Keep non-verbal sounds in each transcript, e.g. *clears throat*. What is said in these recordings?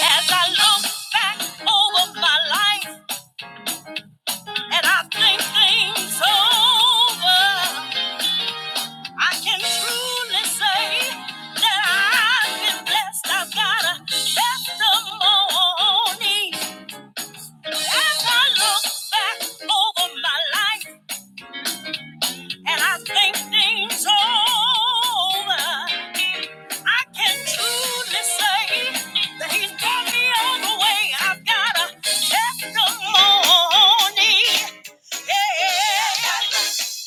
As I look back over my life and I think things over, I can truly say that I've been blessed. I've got a testimony. As I look back over my life and I think things over, I can truly say that he's brought me all the way. I've got a testimony. Yeah. Got this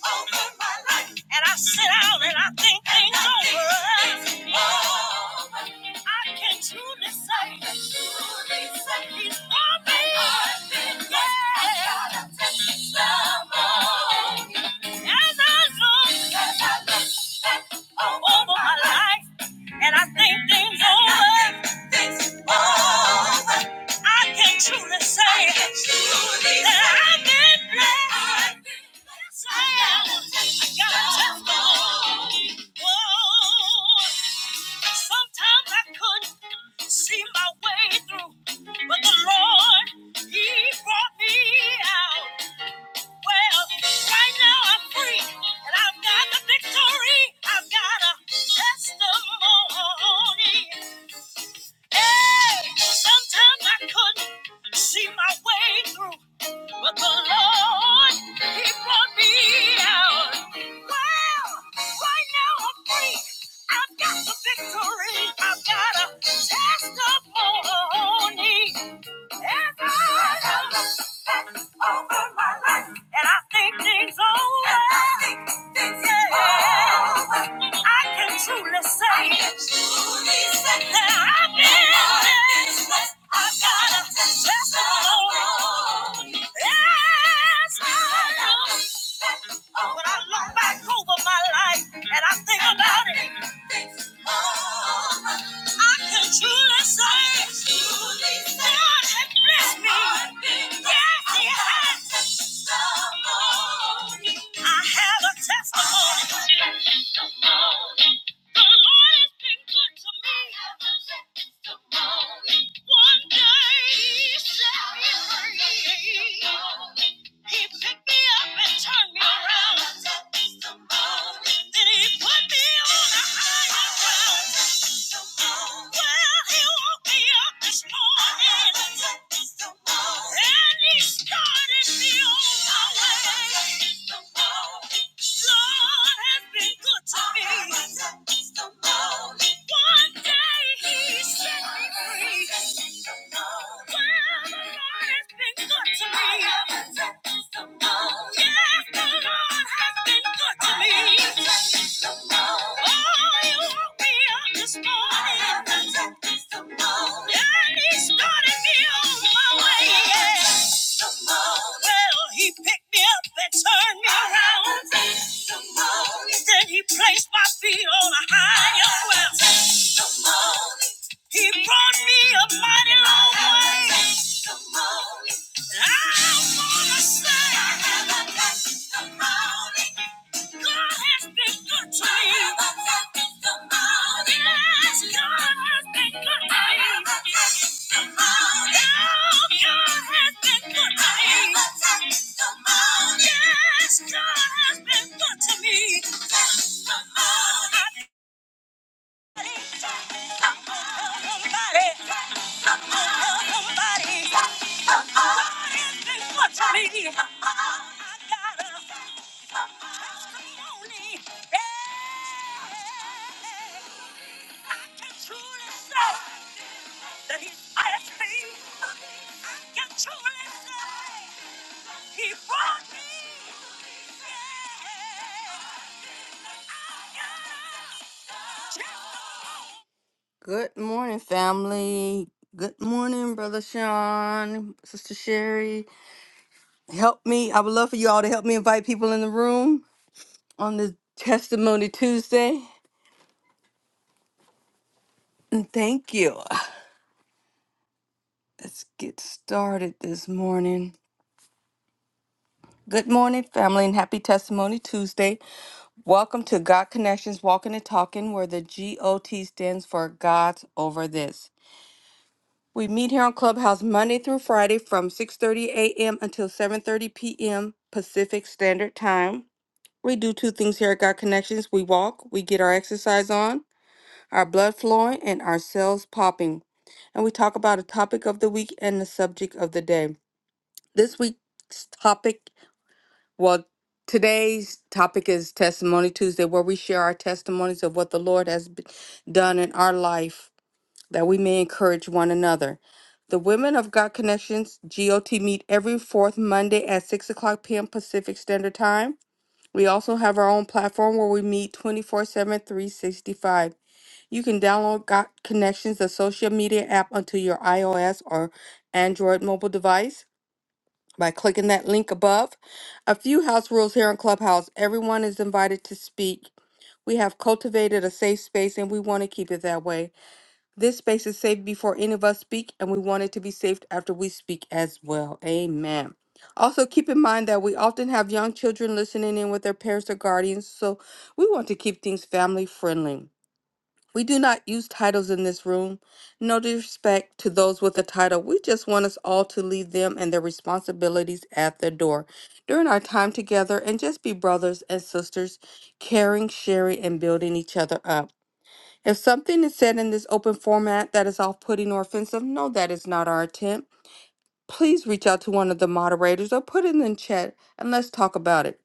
over my life. And I sit down and I think things over. Oh, I can truly say he's for me. Yeah. As I look over my life and I think things over, I can truly say that I've been blessed. Yes, I am. I got a testimony. Whoa. Sometimes I couldn't see my way through, but the Lord, He brought me out. Well, right now I'm free, and I've got the victory. I've got a testimony. Hey, sometimes I couldn't see my way through, but the Lord, He brought me out. Well, right now I'm free. I've got the victory. I've got a testimony. When I look back over my life and I think about it, one day, set me free. He picked me up and turned me around. Then he put me on a higher ground. Well, he woke me up this morning. And he started me on my way. Lord has been good to me. One day he set me free. Well, the Lord has been good to me. Yes, the Lord has been good to me. Oh, he woke me up this morning. And he started me on my way. Yeah testimony. Well, he picked me up and turned me I around. have a testimony. Then he placed my feet on a higher ground. testimony. He brought me a mighty long I have way. a testimony. I wanna say I have a testimony. Yeah. I can truly say. that he hired me. can truly say he brought me. Good morning, family. Good morning, Brother Sean, Sister Sherry. Help me. I would love for you all to help me invite people in the room on this Testimony Tuesday. And thank you. Let's get started this morning. Good morning, family, and happy Testimony Tuesday. Welcome to God Connections Walking and Talking, where the GOT stands for God's Over This. We meet here on Clubhouse Monday through Friday from 6:30 a.m. until 7:30 p.m. Pacific Standard Time. We do two things here at God Connections. We walk, we get our exercise on, our blood flowing, and our cells popping. And we talk about a topic of the week and the subject of the day. This week's topic well, today's topic is Testimony Tuesday, where we share our testimonies of what the Lord has b- done in our life that we may encourage one another. The Women of God Connections GOT meet every fourth Monday at 6 o'clock p.m. Pacific Standard Time. We also have our own platform where we meet twenty-four seven, three sixty-five. You can download God Connections, the social media app, onto your iOS or Android mobile device by clicking that link above. A few house rules here on Clubhouse. Everyone is invited to speak. We have cultivated a safe space and we want to keep it that way. This space is safe before any of us speak, and we want it to be safe after we speak as well. Amen. Also, keep in mind that we often have young children listening in with their parents or guardians, so we want to keep things family friendly. We do not use titles in this room. No disrespect to those with a title. We just want us all to leave them and their responsibilities at the door during our time together and just be brothers and sisters, caring, sharing, and building each other up. If something is said in this open format that is off putting or offensive, no, that is not our intent. Please reach out to one of the moderators or put it in the chat and let's talk about it.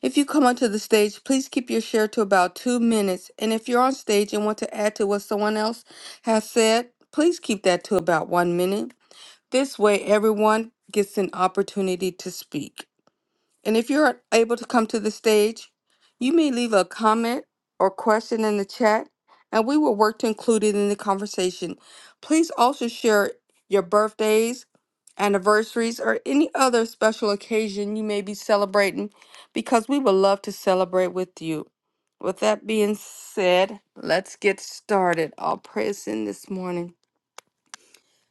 If you come onto the stage, please keep your share to about two minutes. And if you're on stage and want to add to what someone else has said, please keep that to about one minute. This way, everyone gets an opportunity to speak. And if you're able to come to the stage, you may leave a comment or question in the chat, and we will work to include it in the conversation. Please also share your birthdays, anniversaries, or any other special occasion you may be celebrating because we would love to celebrate with you. With that being said, let's get started. I'll pray us in this morning.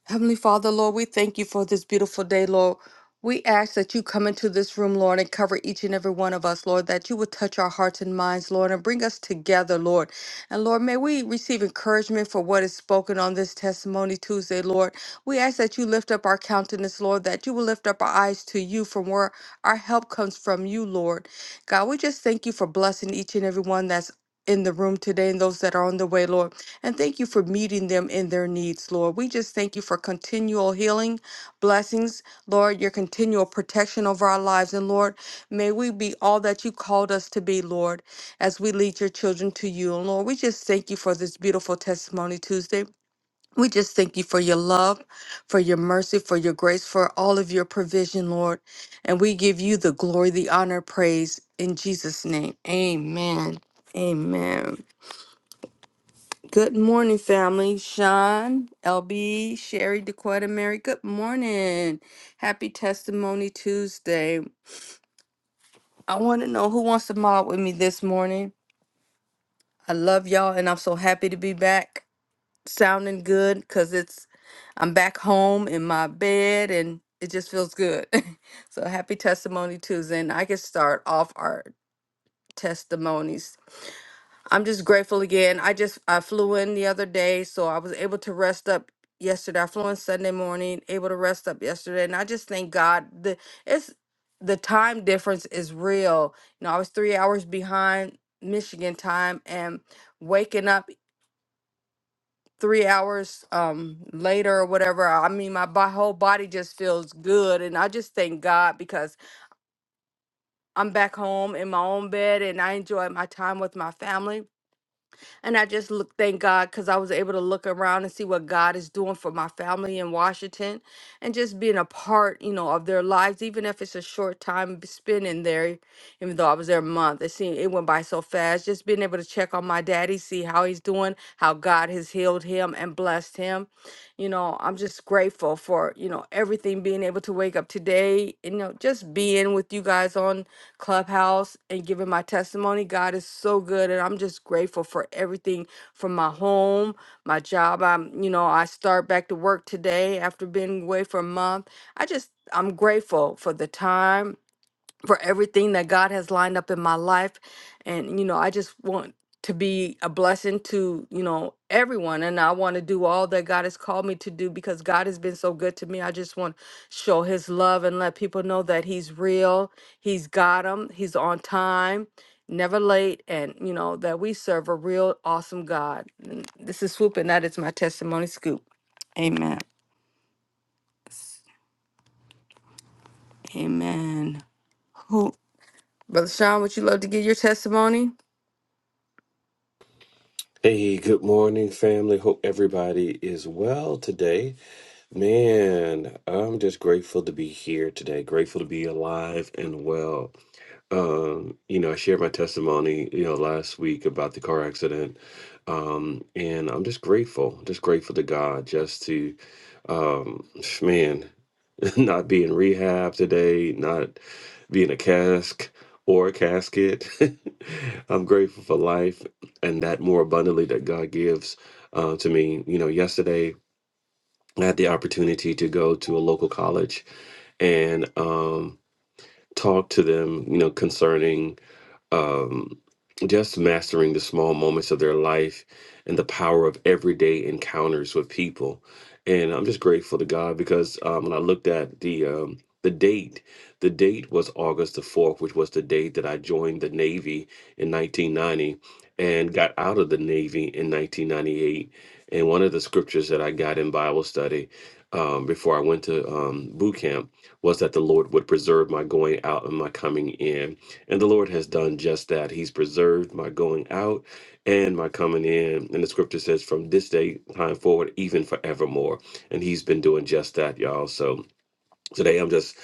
Heavenly Father, Lord, we thank you for this beautiful day, Lord. We ask that you come into this room, Lord, and cover each and every one of us, Lord, that you would touch our hearts and minds, Lord, and bring us together, Lord. And Lord, may we receive encouragement for what is spoken on this Testimony Tuesday, Lord. We ask that you lift up our countenance, Lord, that you will lift up our eyes to you from where our help comes from you, Lord. God, we just thank you for blessing each and every one that's in the room today and those that are on the way, Lord. And thank you for meeting them in their needs, Lord. We just thank you for continual healing, blessings, Lord, your continual protection over our lives. And Lord, may we be all that you called us to be, Lord, as we lead your children to you. And Lord, we just thank you for this beautiful testimony Tuesday. We just thank you for your love, for your mercy, for your grace, for all of your provision, Lord. And we give you the glory, the honor, praise in Jesus' name. Amen. Amen. Good morning, family. Sean, LB, Sherry, Dequetta, Mary. Good morning. Happy Testimony Tuesday. I want to know who wants to mob with me this morning. I love y'all, and I'm so happy to be back, sounding good, cause it's I'm back home in my bed, and it just feels good. *laughs* so happy Testimony Tuesday, and I can start off our testimonies. I'm just grateful again. I just I flew in the other day, so I was able to rest up yesterday. I flew in Sunday morning, able to rest up yesterday, and I just thank God. The it's the time difference is real. You know, I was three hours behind Michigan time, and waking up three hours um later or whatever. I mean, my bo- whole body just feels good, and I just thank God because I'm back home in my own bed, and I enjoy my time with my family And I just look, thank God, because I was able to look around and see what God is doing for my family in Washington and just being a part, you know, of their lives, even if it's a short time spending there, even though I was there a month. It seemed it went by so fast. Just being able to check on my daddy, see how he's doing, how God has healed him and blessed him. You know, I'm just grateful for, you know, everything being able to wake up today, you know, just being with you guys on Clubhouse and giving my testimony. God is so good, and I'm just grateful for everything from my home, my job. I'm, you know, I start back to work today after being away for a month. I just, I'm grateful for the time for everything that God has lined up in my life. And, you know, I just want to be a blessing to, you know, everyone. And I want to do all that God has called me to do because God has been so good to me. I just want to show his love and let people know that he's real, he's got him, he's on time. Never late, and you know that we serve a real awesome God. And This is Swoop, and that is my testimony scoop. Amen. Amen. Who, Brother Sean, would you love to give your testimony? Hey, good morning, family. Hope everybody is well today. Man, I'm just grateful to be here today. Grateful to be alive and well. Um, you know, I shared my testimony, you know, last week about the car accident. Um, and I'm just grateful, just grateful to God just to um man, *laughs* not be in rehab today, not being a cask or a casket. *laughs* I'm grateful for life and that more abundantly that God gives uh, to me. You know, yesterday I had the opportunity to go to a local college and um, talk to them, you know, concerning um, just mastering the small moments of their life and the power of everyday encounters with people. And I'm just grateful to God because um, when I looked at the um, the date, the date was August the fourth, which was the date that I joined the Navy in 1990 and got out of the Navy in 1998. And one of the scriptures that I got in Bible study um, before I went to um, boot camp was that the Lord would preserve my going out and my coming in and the Lord has done just that. He's preserved my going out and my coming in. And the scripture says, from this day time forward, even forevermore. And he's been doing just that, y'all. So today I'm just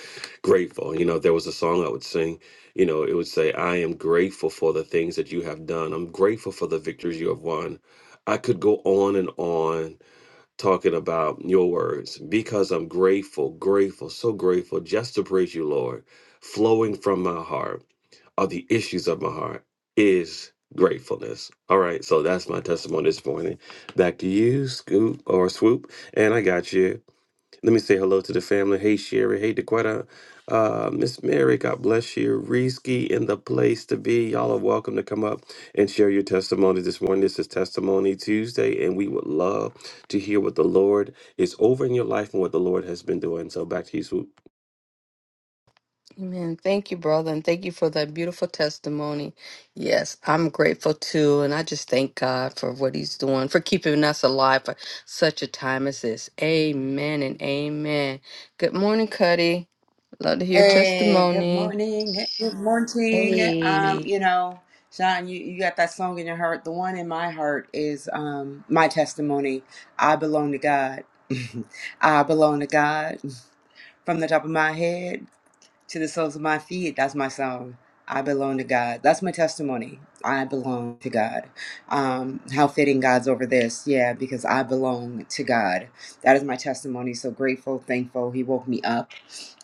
grateful. You know, there was a song I would sing, you know, it would say, I am grateful for the things that you have done. I'm grateful for the victories you have won. I could go on and on talking about your words because I'm grateful, grateful, so grateful just to praise you, Lord. Flowing from my heart are the issues of my heart is gratefulness. All right, so that's my testimony this morning. Back to you, Scoop or Swoop, and I got you. Let me say hello to the family. Hey, Sherry. Hey, Dequetta. Uh, Miss Mary, God bless you. Risky in the place to be. Y'all are welcome to come up and share your testimony this morning. This is Testimony Tuesday, and we would love to hear what the Lord is over in your life and what the Lord has been doing. So back to you, Swoop. Amen. Thank you, brother, and thank you for that beautiful testimony. Yes, I'm grateful too, and I just thank God for what He's doing, for keeping us alive for such a time as this. Amen and amen. Good morning, Cuddy. Love to hear Hey, good testimony. morning. Hey, Good morning. Um, Hey. you know, Sean, you, you got that song in your heart. The one in my heart is um my testimony. I belong to God. *laughs* I belong to God from the top of my head. To the soles of my feet, that's my song. I belong to God. That's my testimony. I belong to God. Um, how fitting God's over this. Yeah, because I belong to God. That is my testimony. So grateful, thankful. He woke me up.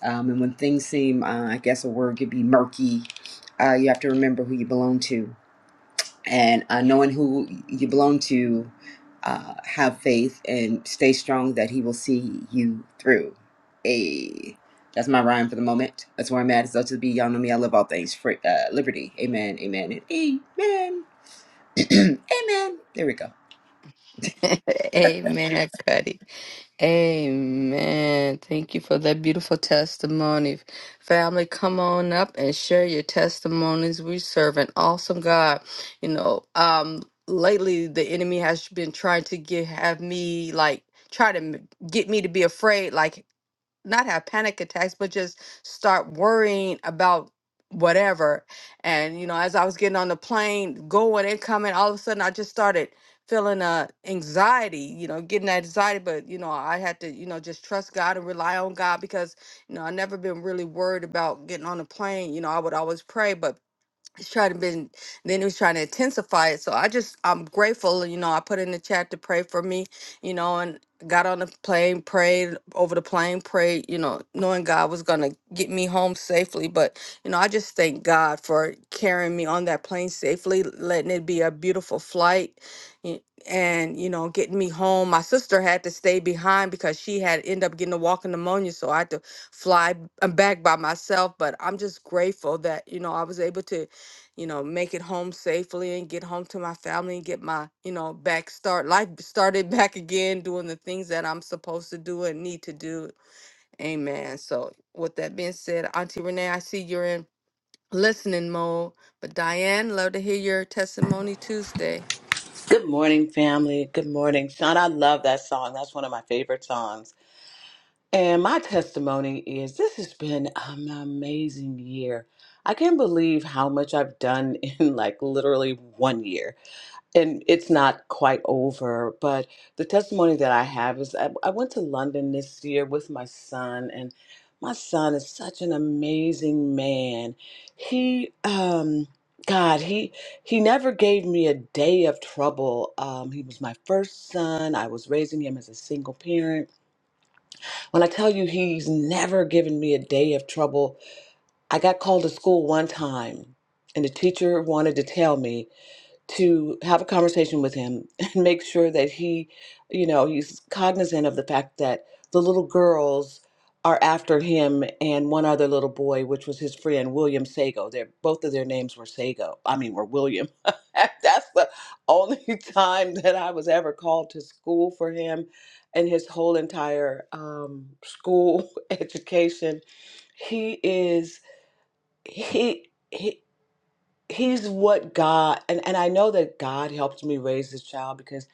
Um, and when things seem, uh, I guess a word could be murky, uh, you have to remember who you belong to and uh, knowing who you belong to, uh, have faith and stay strong that He will see you through. A that's my rhyme for the moment. That's where I'm at. It's up to the be. Y'all know me. I love all things free, uh, liberty. Amen. Amen. And amen. *clears throat* amen. There we go. *laughs* amen, Cuddy. Amen. Thank you for that beautiful testimony. Family, come on up and share your testimonies. We serve an awesome God. You know, um, lately the enemy has been trying to get have me like try to m- get me to be afraid like not have panic attacks, but just start worrying about whatever. And you know, as I was getting on the plane, going and coming, all of a sudden I just started feeling uh anxiety, you know, getting that anxiety. But you know, I had to, you know, just trust God and rely on God because, you know, I never been really worried about getting on the plane. You know, I would always pray, but it's trying to been then he was trying to intensify it so i just i'm grateful you know i put in the chat to pray for me you know and got on the plane prayed over the plane prayed you know knowing god was gonna get me home safely but you know i just thank god for carrying me on that plane safely letting it be a beautiful flight y- and you know getting me home my sister had to stay behind because she had ended up getting a walking pneumonia so i had to fly b- back by myself but i'm just grateful that you know i was able to you know, make it home safely and get home to my family and get my, you know, back start life started *laughs* back again, doing the things that I'm supposed to do and need to do. Amen. So, with that being said, Auntie Renee, I see you're in listening mode, but Diane, love to hear your testimony Tuesday. Good morning, family. Good morning, Sean. I love that song. That's one of my favorite songs. And my testimony is this has been an amazing year. I can't believe how much I've done *laughs* in like literally one year and it's not quite over, but the testimony that I have is I, I went to London this year with my son, and my son is such an amazing man. He, um, God, he he never gave me a day of trouble. Um, he was my first son. I was raising him as a single parent. When I tell you he's never given me a day of trouble, I got called to school one time, and the teacher wanted to tell me to have a conversation with him *laughs* and make sure that he, you know, he's cognizant of the fact that the little girls are after him and one other little boy, which was his friend William Sago. Their both of their names were Sago. I mean, were William. *laughs* That's the only *laughs* time that I was ever called to school for him, and his whole entire um, school *laughs* education. He is he. he he's what God and, and I know that God helped me raise this child because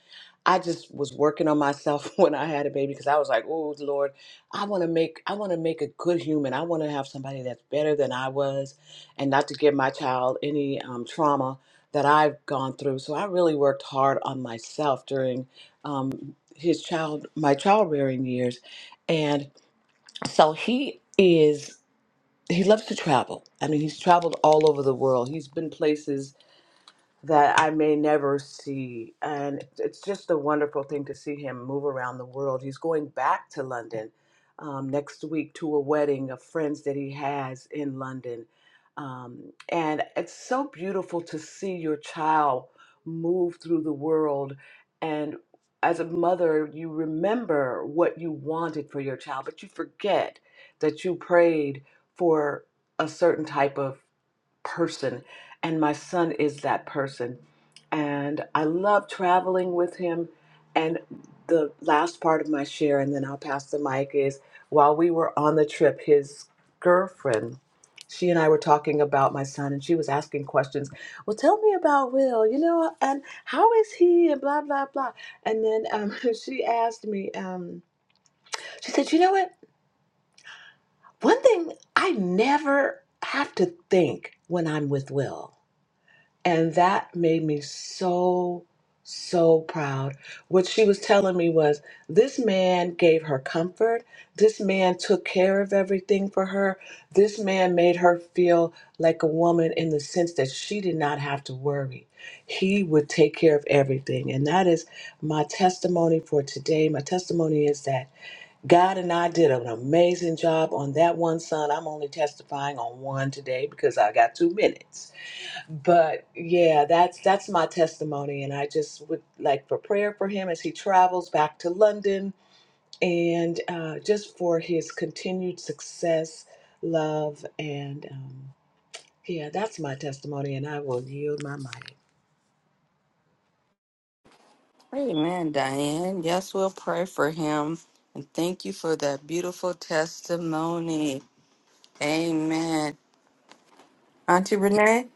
I just was working on myself *laughs* when I had a baby because I was like, oh Lord, I want to make I want to make a good human. I want to have somebody that's better than I was, and not to give my child any um, trauma that I've gone through. So I really worked hard on myself during um, his child my child rearing years, and so he is he loves to travel. I mean, he's traveled all over the world. He's been places that I may never see. And it's just a wonderful thing to see him move around the world. He's going back to London um, next week to a wedding of friends that he has in London. Um, and it's so beautiful to see your child move through the world. And as a mother, you remember what you wanted for your child, but you forget that you prayed for a certain type of person, and my son is that person. And I love traveling with him. And the last part of my share, and then I'll pass the mic, is while we were on the trip, his girlfriend, she and I were talking about my son, and she was asking questions. Well, tell me about Will, you know, and how is he, and blah, blah, blah. And then um, *laughs* she asked me, um, she said, you know what? One thing I never have to think when I'm with Will and that made me so, so proud. What she was telling me was this man gave her comfort. This man took care of everything for her. This man made her feel like a woman in the sense that she did not have to worry. He would take care of everything. And that is my testimony for today. My testimony is that God and I did an amazing job on that one son. I'm only testifying on one today because I got two minutes but yeah, that's that's my testimony, and I just would like for prayer for him as he travels back to London, and uh, just for his continued success, love, and um, yeah, that's my testimony, and I will yield my mic. Amen, Diane. Yes, we'll pray for him. And thank you for that beautiful testimony. Amen. Auntie Renee?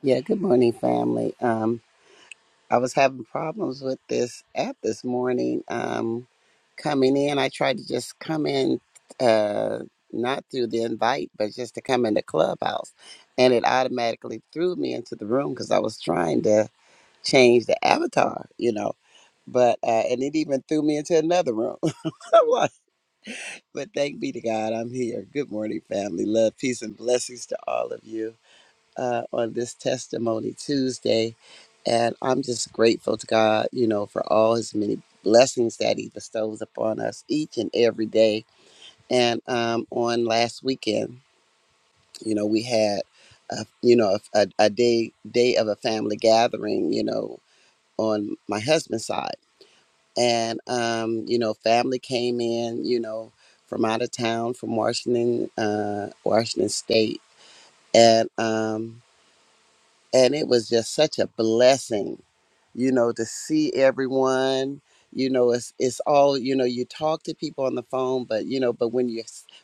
Yeah, good morning, family. Um, I was having problems with this app this morning. Um, coming in, I tried to just come in, uh, not through the invite, but just to come into Clubhouse, and it automatically threw me into the room because I was trying to change the avatar, you know. But uh, and it even threw me into another room. *laughs* I'm like, but thank be to God, I'm here. Good morning, family. Love, peace, and blessings to all of you uh, on this testimony Tuesday. And I'm just grateful to God, you know, for all his many blessings that he bestows upon us each and every day. And um, on last weekend, you know, we had, a, you know, a, a day day of a family gathering, you know, on my husband's side. And, um, you know, family came in, you know, from out of town, from Washington, uh, Washington State. And, um, and it was just such a blessing you know to see everyone you know it's it's all you know you talk to people on the phone but you know but when you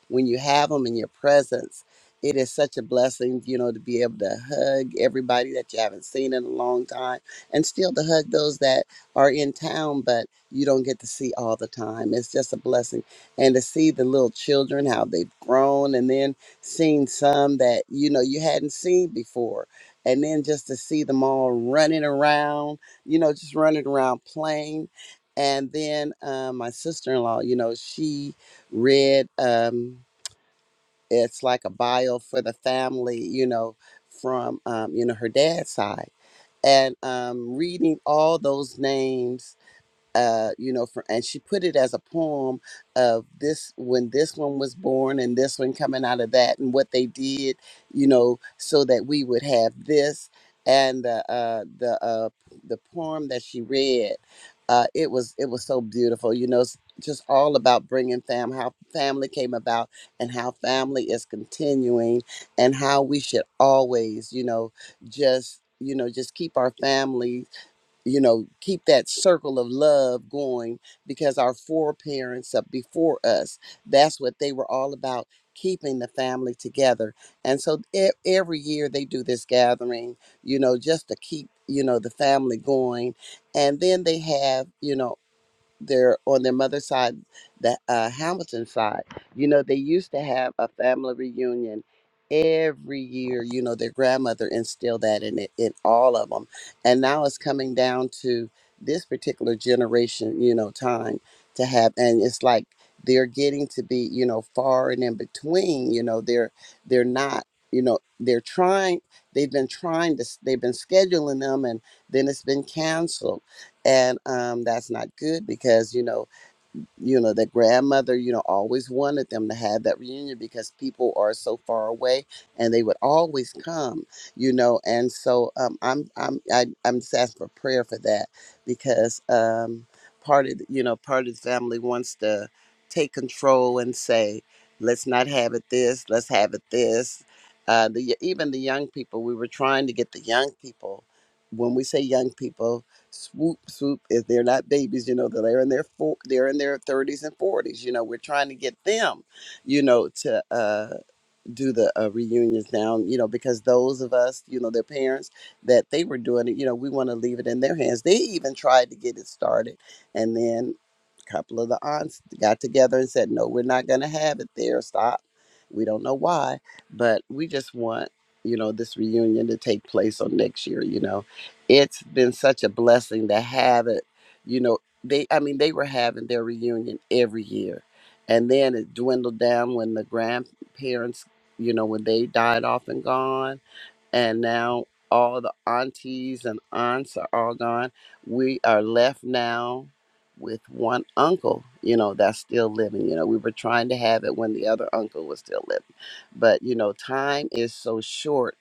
when you have them in your presence it is such a blessing you know to be able to hug everybody that you haven't seen in a long time and still to hug those that are in town but you don't get to see all the time it's just a blessing and to see the little children how they've grown and then seeing some that you know you hadn't seen before and then just to see them all running around, you know, just running around playing. And then uh, my sister in law, you know, she read um, it's like a bio for the family, you know, from um, you know her dad's side, and um, reading all those names uh, you know, for, and she put it as a poem of this when this one was born and this one coming out of that and what they did, you know, so that we would have this and uh, uh, the uh, the poem that she read. Uh, it was it was so beautiful, you know, s- just all about bringing fam how family came about and how family is continuing and how we should always, you know, just you know just keep our family you know keep that circle of love going because our foreparents up before us that's what they were all about keeping the family together and so e- every year they do this gathering you know just to keep you know the family going and then they have you know their on their mother's side, the uh, Hamilton side, you know, they used to have a family reunion every year. You know, their grandmother instilled that in it, in all of them, and now it's coming down to this particular generation. You know, time to have, and it's like they're getting to be, you know, far and in between. You know, they're they're not. You know, they're trying. They've been trying to. s- They've been scheduling them, and then it's been canceled and um, that's not good because you know you know the grandmother you know always wanted them to have that reunion because people are so far away and they would always come you know and so um, i'm i'm I, i'm just asking for prayer for that because um, part of the- you know part of the family wants to take control and say let's not have it this let's have it this uh, the, even the young people we were trying to get the young people when we say young people swoop swoop if they're not babies you know they're in their four, they're in their 30s and 40s you know we're trying to get them you know to uh do the uh, reunions now, you know, because those of us, you know, their parents that they were doing it, you know, we want to leave it in their hands. They even tried to get it started. And then a couple of the aunts got together and said, no, we're not going to have it there. Stop. We don't know why, but we just want, you know, this reunion to take place on next year, you know. It's been such a blessing to have it, you know. They, I mean, they were having their reunion every year. And then it dwindled down when the grandparents you know, when they died off and gone, and now all the aunties and aunts are all gone. We are left now with one uncle, you know, that's still living. You know, we were trying to have it when the other uncle was still living. But, you know, time is so short,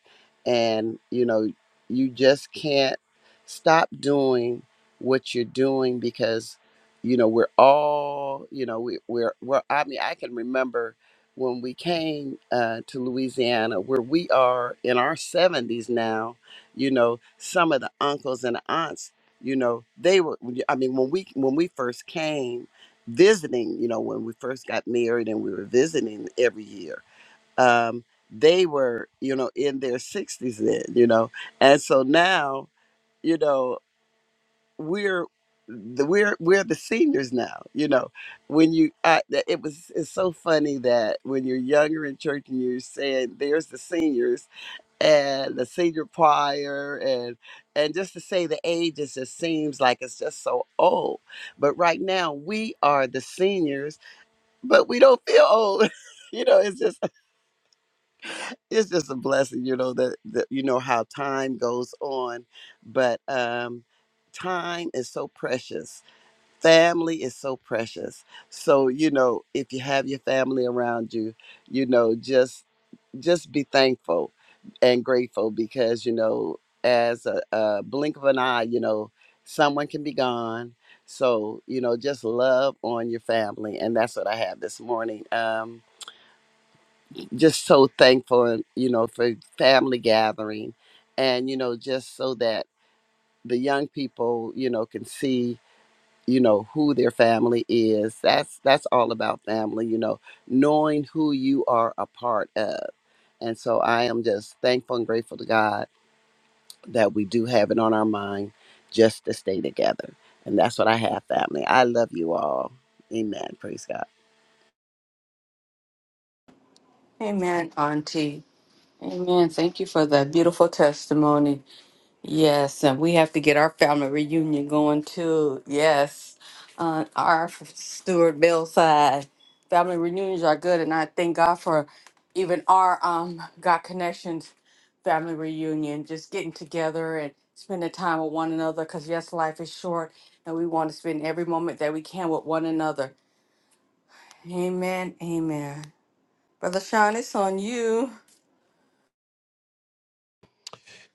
and, you know, you just can't stop doing what you're doing because you know we're all you know we, we're we're i mean i can remember when we came uh, to Louisiana, where we are in our 70s now, you know, some of the uncles and aunts, you know, they were. I mean, when we when we first came visiting, you know, when we first got married and we were visiting every year, um, they were, you know, in their 60s then, you know, and so now. You know, we're the, we're we're the seniors now. You know, when you I, that- it was it's so funny that when you're younger in church and you're saying there's the seniors and the senior choir and and just to say the ages it seems like it's just so old. But right now we are the seniors, but we don't feel old. *laughs* You know, it's just it's just a blessing. You know that, that you know how time goes on, but um, time is so precious family is so precious so you know if you have your family around you you know just just be thankful and grateful because you know as a, a blink of an eye you know someone can be gone so you know just love on your family and that's what i have this morning um just so thankful you know for family gathering and you know just so that the young people you know can see you know who their family is that's that's all about family you know knowing who you are a part of and so i am just thankful and grateful to god that we do have it on our mind just to stay together and that's what i have family i love you all amen praise god Amen, Auntie. Amen. Thank you for that beautiful testimony. Yes, and we have to get our family reunion going too. Yes, uh, our Stuart Bill side family reunions are good, and I thank God for even our um God connections family reunion, just getting together and spending time with one another. Cause yes, life is short, and we want to spend every moment that we can with one another. Amen. Amen. Brother Sean, it's on you.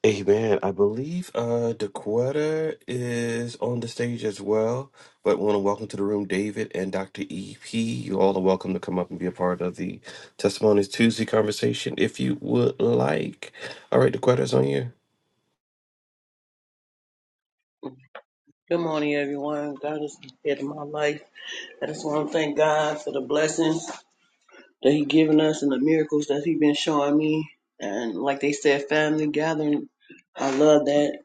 Amen. I believe uh DeQuetta is on the stage as well. But want to welcome to the room David and Dr. EP. You all are welcome to come up and be a part of the Testimonies Tuesday conversation if you would like. All right, DeQuetta's on you. Good morning, everyone. God is ahead of my life. I just want to thank God for the blessings that He given us and the miracles that He been showing me. And like they said, family gathering. I love that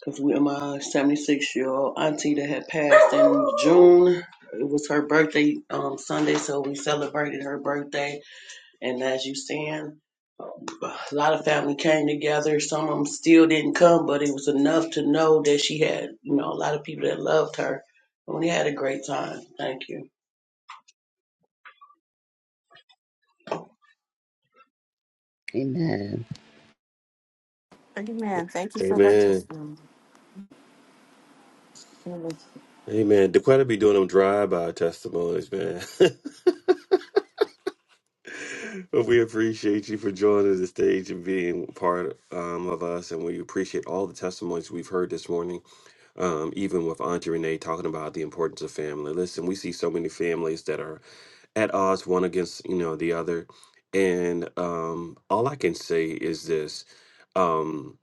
because we my 76 year old auntie that had passed in June. It was her birthday um, Sunday, so we celebrated her birthday. And as you seeing a lot of family came together. Some of them still didn't come, but it was enough to know that she had, you know, a lot of people that loved her. And we had a great time. Thank you. amen Amen. Thank you for that. Amen. Amen. DeQuetta be doing them drive-by testimonies, man. *laughs* but we appreciate you for joining the stage and being part um, of us, and we appreciate all the testimonies we've heard this morning. um, even with Auntie Renee talking about the importance of family. Listen, we see so many families that are at odds one against you know the other, and um, all I can say is this: um,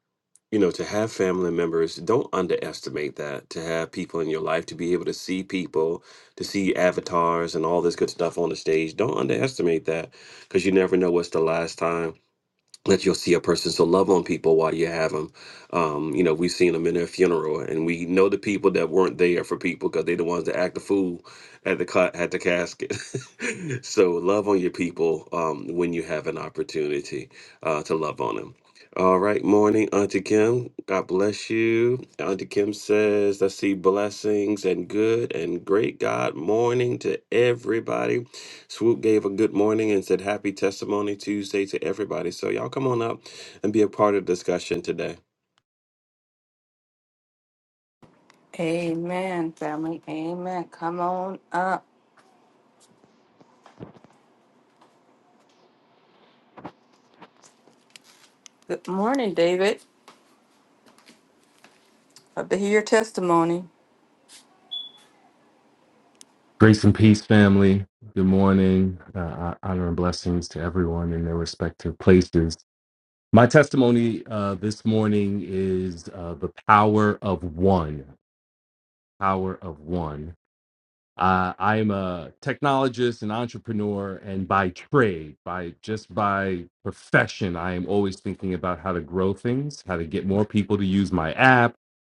you know, to have family members, don't underestimate that. To have people in your life, to be able to see people, to see avatars and all this good stuff on the stage, don't underestimate that, because you never know what's the last time that you'll see a person. So love on people while you have them. Um, you know, we've seen them in their funeral, and we know the people that weren't there for people because they're the ones that act the fool at the ca- at the casket. *laughs* so love on your people um, when you have an opportunity uh, to love on them. All right, morning, Auntie Kim. God bless you. Auntie Kim says, "I see blessings and good and great God morning to everybody." Swoop gave a good morning and said happy testimony Tuesday to everybody. So y'all come on up and be a part of the discussion today. Amen, family. Amen. Come on up. Good morning, David. Love to hear your testimony. Grace and peace, family. Good morning. Uh, uh, honor and blessings to everyone in their respective places. My testimony uh, this morning is uh, the power of one. Power of one. Uh, I am a technologist and entrepreneur, and by trade, by just by profession, I am always thinking about how to grow things, how to get more people to use my app,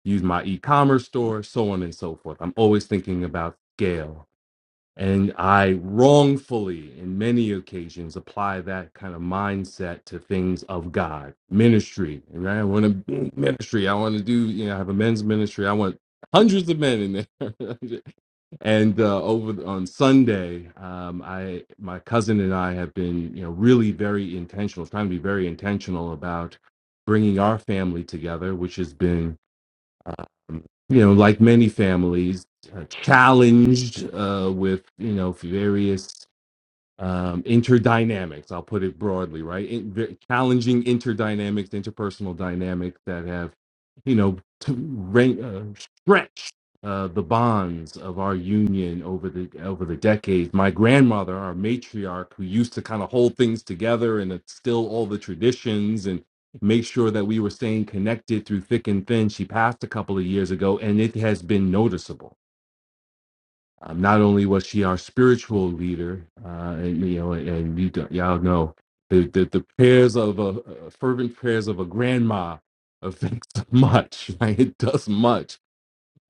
use my e-commerce store, so on and so forth. I'm always thinking about scale and I wrongfully, in many occasions, apply that kind of mindset to things of God, ministry. Right? I want to be ministry. I want to do, you know, I have a men's ministry. I want hundreds of men in there. *laughs* and uh, over on Sunday, um, I, my cousin and I have been, you know, really very intentional, trying to be very intentional about bringing our family together, which has been you know, like many families, uh, challenged uh, with you know various um, interdynamics. I'll put it broadly, right? In, v- challenging interdynamics, interpersonal dynamics that have, you know, t- ran- uh, stretched uh, the bonds of our union over the over the decades. My grandmother, our matriarch, who used to kind of hold things together and instill all the traditions and make sure that we were staying connected through thick and thin. She passed a couple of years ago, and it has been noticeable um, not only was she our spiritual leader, uh, and you know, and, and you, g- y'all know the, the the prayers of a uh, fervent prayers of a grandma affects *laughs* much. Right? It does much,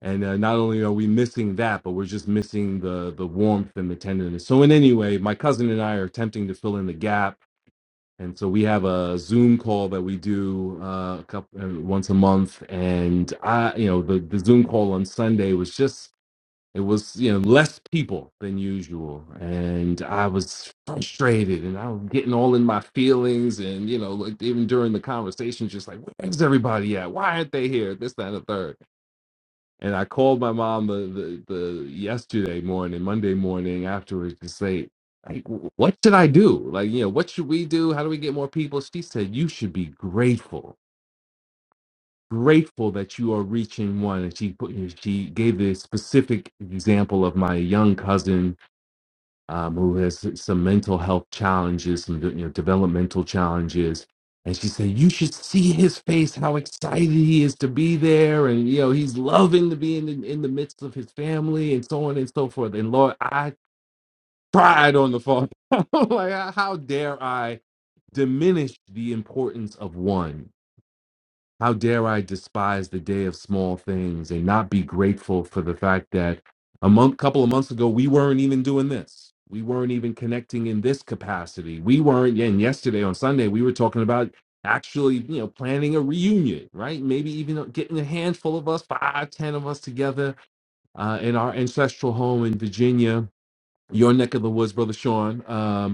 and uh, not only are we missing that, but we're just missing the the warmth and the tenderness. So, in any way, my cousin and I are attempting to fill in the gap, and so we have a Zoom call that we do uh, a couple uh, once a month, and I, you know, the the Zoom call on Sunday was just it was you know less people than usual and i was frustrated and i was getting all in my feelings and you know like even during the conversation just like where's everybody at why aren't they here this that and the third and i called my mom the the, the yesterday morning monday morning afterwards to say like what should i do like you know what should we do how do we get more people she said you should be grateful grateful that you are reaching one and she put she gave the specific example of my young cousin um, who has some mental health challenges, some you know, developmental challenges. And she said, "You should see his face, how excited he is to be there, and you know he's loving to be in the, in the midst of his family, and so on and so forth." And Lord, I cried on the phone. *laughs* like, how dare I diminish the importance of one? How dare I despise the day of small things and not be grateful for the fact that a month, couple of months ago, we weren't even doing this. We weren't even connecting in this capacity. We weren't. yeah, And yesterday on Sunday, we were talking about actually, you know, planning a reunion, right? Maybe even uh, getting a handful of us, five, ten of us together uh, in our ancestral home in Virginia, your neck of the woods, brother Sean. Um,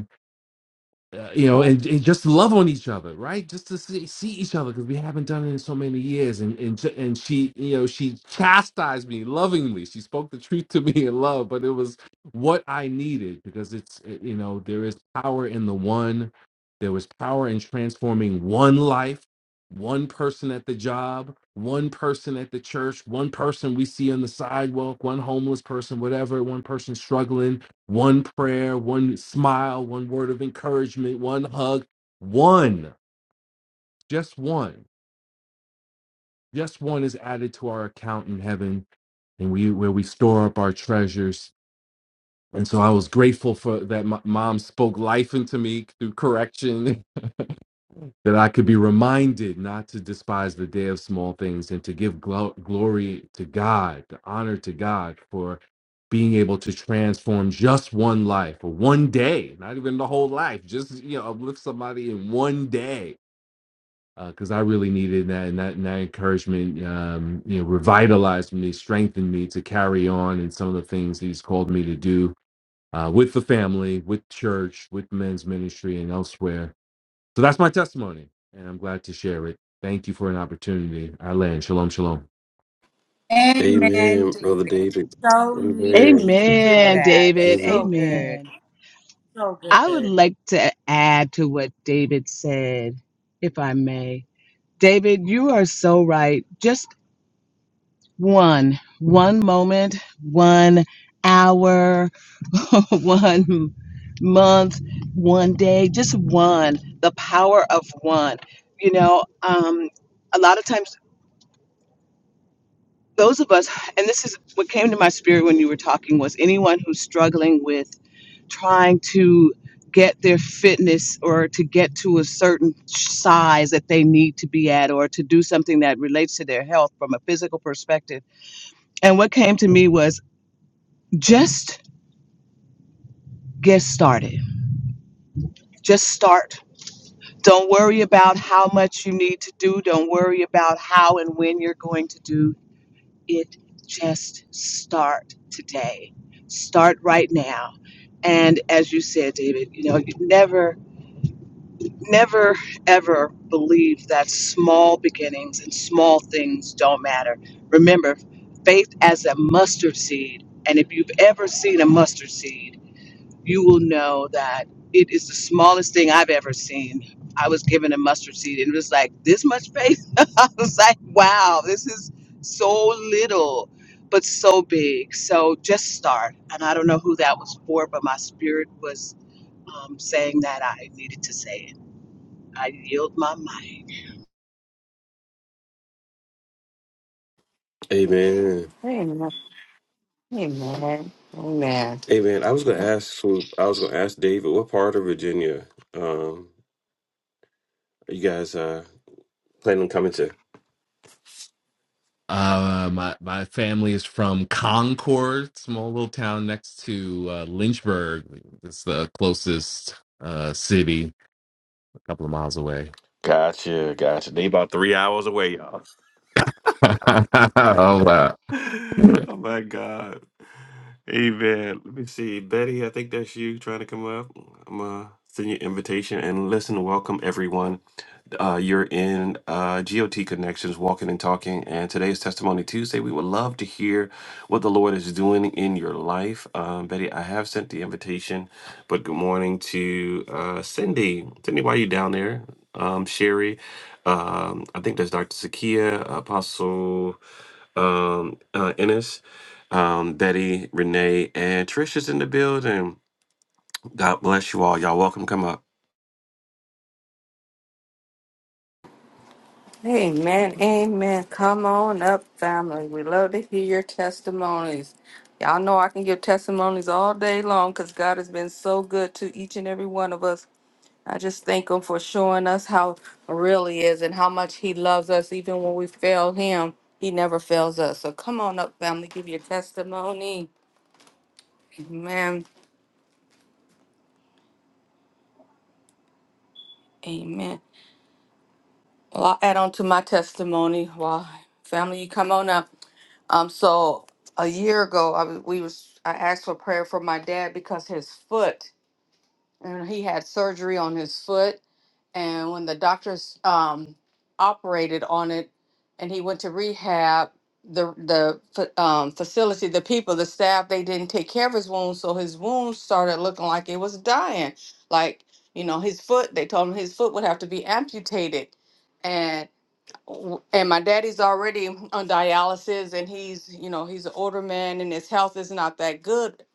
uh, you know, and, and just love on each other, right? Just to see, see each other because we haven't done it in so many years. And and ju- and she, you know, she chastised me lovingly. She spoke the truth to *laughs* me in love, but it was what I needed because it's uh, you know there is power in the one. There was power in transforming one life, one person at the job, one person at the church, one person we see on the sidewalk, one homeless person, whatever, one person struggling one prayer, one smile, one word of encouragement, one hug, one, just one, just one is added to our account in heaven, and we where we store up our treasures. And so I was grateful for that. My mom spoke life into me through correction *laughs* that I could be reminded not to despise the day of small things and to give glo- glory to God, to honor to God for being able to transform just one life or one day, not even the whole life, just you know, uplift somebody in one day. Because I really needed that, and that, and that encouragement, um, you know, revitalized me, strengthened me to carry on in some of the things He's called me to do uh, with the family, with church, with men's ministry, and elsewhere so that's my testimony, and I'm glad to share it. Thank you for an opportunity. I land. Shalom, shalom. Amen, Amen, brother David. David. So needed Amen. to hear Amen, Um, that. David. Amen. So good. Amen. So I would good. like to add to what David said, if I may. David, you are so right. Just one one moment one hour *laughs* one month one day just one the power of one you know um a lot of times those of us and this is what came to my spirit when you were talking was anyone who's struggling with trying to get their fitness or to get to a certain size that they need to be at or to do something that relates to their health from a physical perspective and what came to me was just get started. Just start. Don't worry about how much you need to do. Don't worry about how and when you're going to do it. Just start today. Start right now. And as you said, David, you know, you never, never, ever believe that small beginnings and small things don't matter. Remember, faith as a mustard seed. And if you've ever seen a mustard seed, you will know that it is the smallest thing I've ever seen. I was given a mustard seed and it was like this much faith. *laughs* I was like, wow, this is so little, but so big. So just start. And I don't know who that was for, but my spirit was um, saying that I needed to say it. I yield my mind. Amen. Amen. Amen. Amen. Amen. I was gonna ask Swoop, I was gonna ask David, what part of Virginia um are you guys uh planning on coming to? Uh, my my family is from Concord, small little town next to uh, Lynchburg. It's the closest uh, city, a couple of miles away. Gotcha, gotcha. They about three hours away, y'all. *laughs* oh wow! *laughs* oh my God. Amen. Let me see. Betty, I think that's you trying to come up. I'm uh send you an invitation and listen, welcome everyone. Uh, you're in uh, GOT Connections, Walking and Talking, and today is Testimony Tuesday. We would love to hear what the Lord is doing in your life. Um, Betty, I have sent the invitation, but good morning to uh, Cindy. Cindy, why are you down there? Um, Sherry, um, I think that's Dr. Sakia, Apostle um, uh, Ennis, um, Betty, Renee, and Trish is in the building. God bless you all. Y'all welcome. Come up. Amen. Amen. Come on up, family. We love to hear your testimonies. Y'all know I can give testimonies all day long because God has been so good to each and every one of us. I just thank him for showing us how really is and how much he loves us. Even when we fail him, he never fails us. So come on up, family, give your testimony. Amen. Amen. Well, I'll add on to my testimony. Well, family, you come on up. Um, so a year ago, I was, we was I asked for prayer for my dad because his foot, and he had surgery on his foot, and when the doctors um, operated on it and he went to rehab the the fa- um, facility the people the staff they didn't take care of his wounds so his wounds started looking like it was dying like you know his foot they told him his foot would have to be amputated and w- and my daddy's already on dialysis and he's you know he's an older man and his health is not that good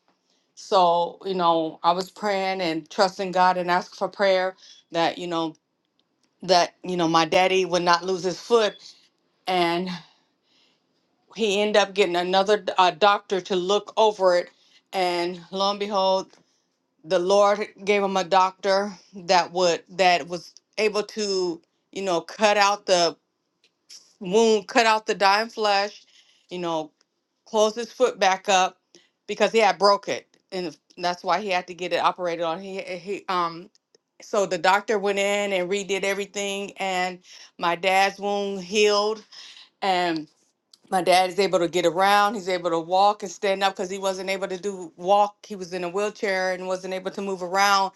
so you know i was praying and trusting god and asking for prayer that you know that you know my daddy would not lose his foot and he ended up getting another uh, doctor to look over it and lo and behold the lord gave him a doctor that would that was able to you know cut out the wound cut out the dying flesh you know close his foot back up because he had broke it and that's why he had to get it operated on he, he um so the doctor went in and redid everything and my dad's wound healed and my dad is able to get around he's able to walk and stand up because he wasn't able to do walk he was in a wheelchair and wasn't able to move around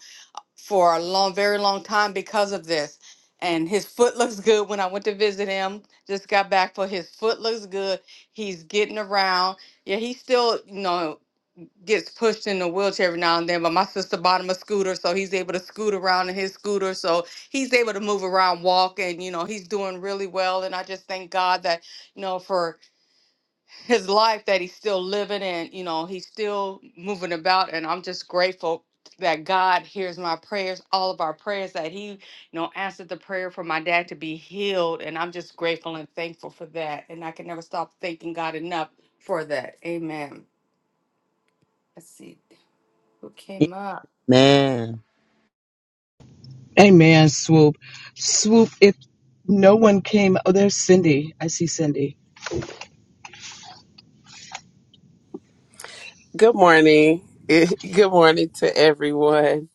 for a long very long time because of this and his foot *laughs* looks good when i went to visit him just got back for his foot looks good he's getting around yeah he's still you know gets pushed in a wheelchair every now and then, but my sister bought him a scooter, so he's able to scoot around in his scooter. So he's able to move around, walk, and you know, he's doing really well. And I just thank God that, you know, for his life that he's still living and, you know, he's still moving about. And I'm just grateful that God hears my prayers, all of our prayers, that he, you know, answered the prayer for my dad to be healed. And I'm just grateful and thankful for that. And I can never stop thanking God enough for that. Amen. Let's see who came up. Amen. Amen, Swoop. Swoop, if no one came, oh, there's Cindy. I see Cindy. Good morning. *laughs* It- Good morning to everyone.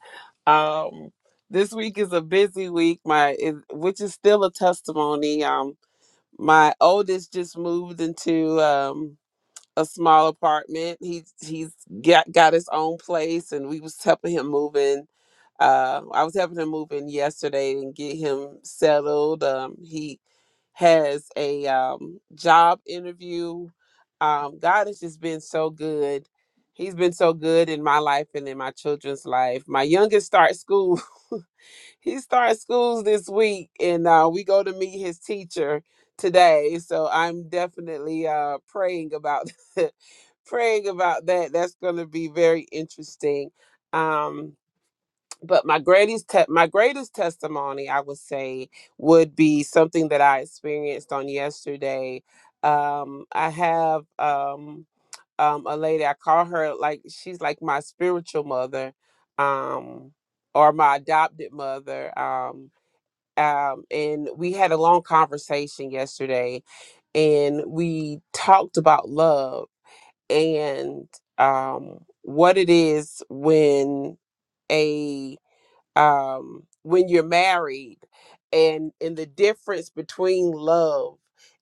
Um, this week is a busy week, my it- which is still a testimony. Um, my oldest just moved into. Um, a small apartment. He he's got got his own place, and we was helping him move in. Uh, I was helping him move in yesterday and get him settled. Um, he has a um, job interview. Um, God has just been so good. He's been so good in my life and in my children's life. My youngest starts school *laughs* he starts schools this week and uh, we go to meet his teacher today so i'm definitely uh, praying about *laughs* praying about that that's going to be very interesting um, but my greatest te- my greatest testimony i would say would be something that i experienced on yesterday um, i have um, um, a lady i call her like she's like my spiritual mother um, or my adopted mother. Um, um, and we had a long conversation yesterday, and we talked about love and um, what it is when a um, when you're married and and the difference between love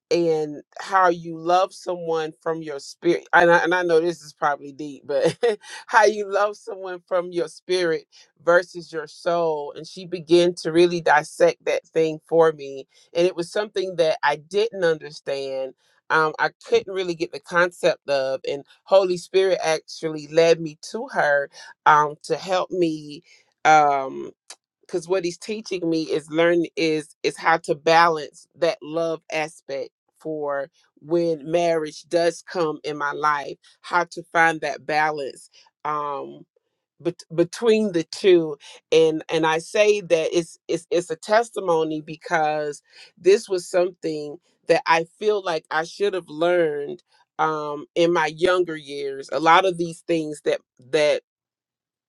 and how you love someone from your spirit and I, and I know this is probably deep but *laughs* how you love someone from your spirit versus your soul and she began to really dissect that thing for me and it was something that i didn't understand um, i couldn't really get the concept of and holy spirit actually led me to her um, to help me um because what he's teaching me is learn is is how to balance that love aspect for when marriage does come in my life how to find that balance um bet- between the two and and i say that it's it's it's a testimony because this was something that i feel like i should have learned um in my younger years a lot of these things that that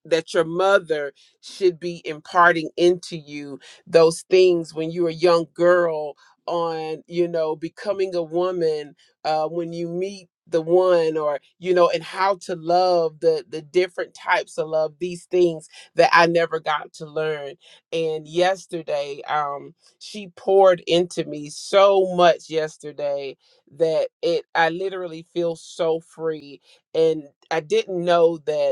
that your mother should be imparting into you those things when you're a young girl on you know becoming a woman uh, when you meet the one or you know and how to love the the different types of love these things that i never got to learn and yesterday um she poured into me so much yesterday that it i literally feel so free and i didn't know that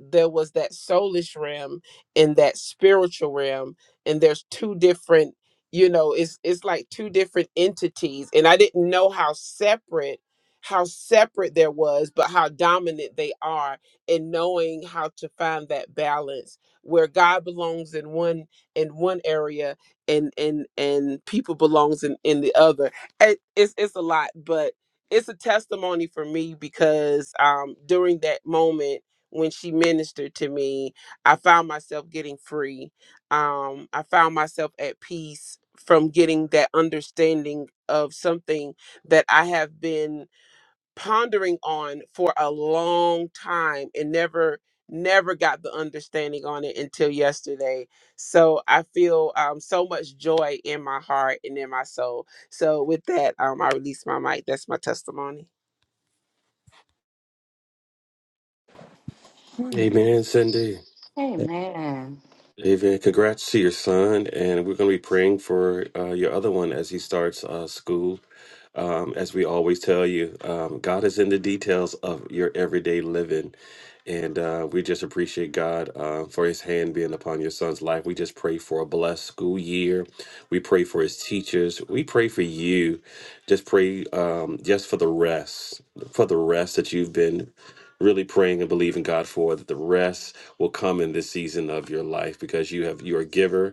there was that soulish realm and that spiritual realm and there's two different you know it's it's like two different entities and i didn't know how separate how separate there was but how dominant they are in knowing how to find that balance where god belongs in one in one area and and and people belongs in in the other it, it's it's a lot but it's a testimony for me because um during that moment when she ministered to me i found myself getting free um i found myself at peace from getting that understanding of something that i have been pondering on for a long time and never never got the understanding on it until yesterday so i feel um, so much joy in my heart and in my soul so with that um, i release my mic that's my testimony Amen, Cindy. Amen. David, congrats to your son, and we're going to be praying for uh, your other one as he starts uh, school. Um, as we always tell you, um, God is in the details of your everyday living, and uh, we just appreciate God uh, for His hand being upon your son's life. We just pray for a blessed school year. We pray for his teachers. We pray for you. Just pray, um, just for the rest, for the rest that you've been really praying and believing God for that the rest will come in this season of your life because you have you're a giver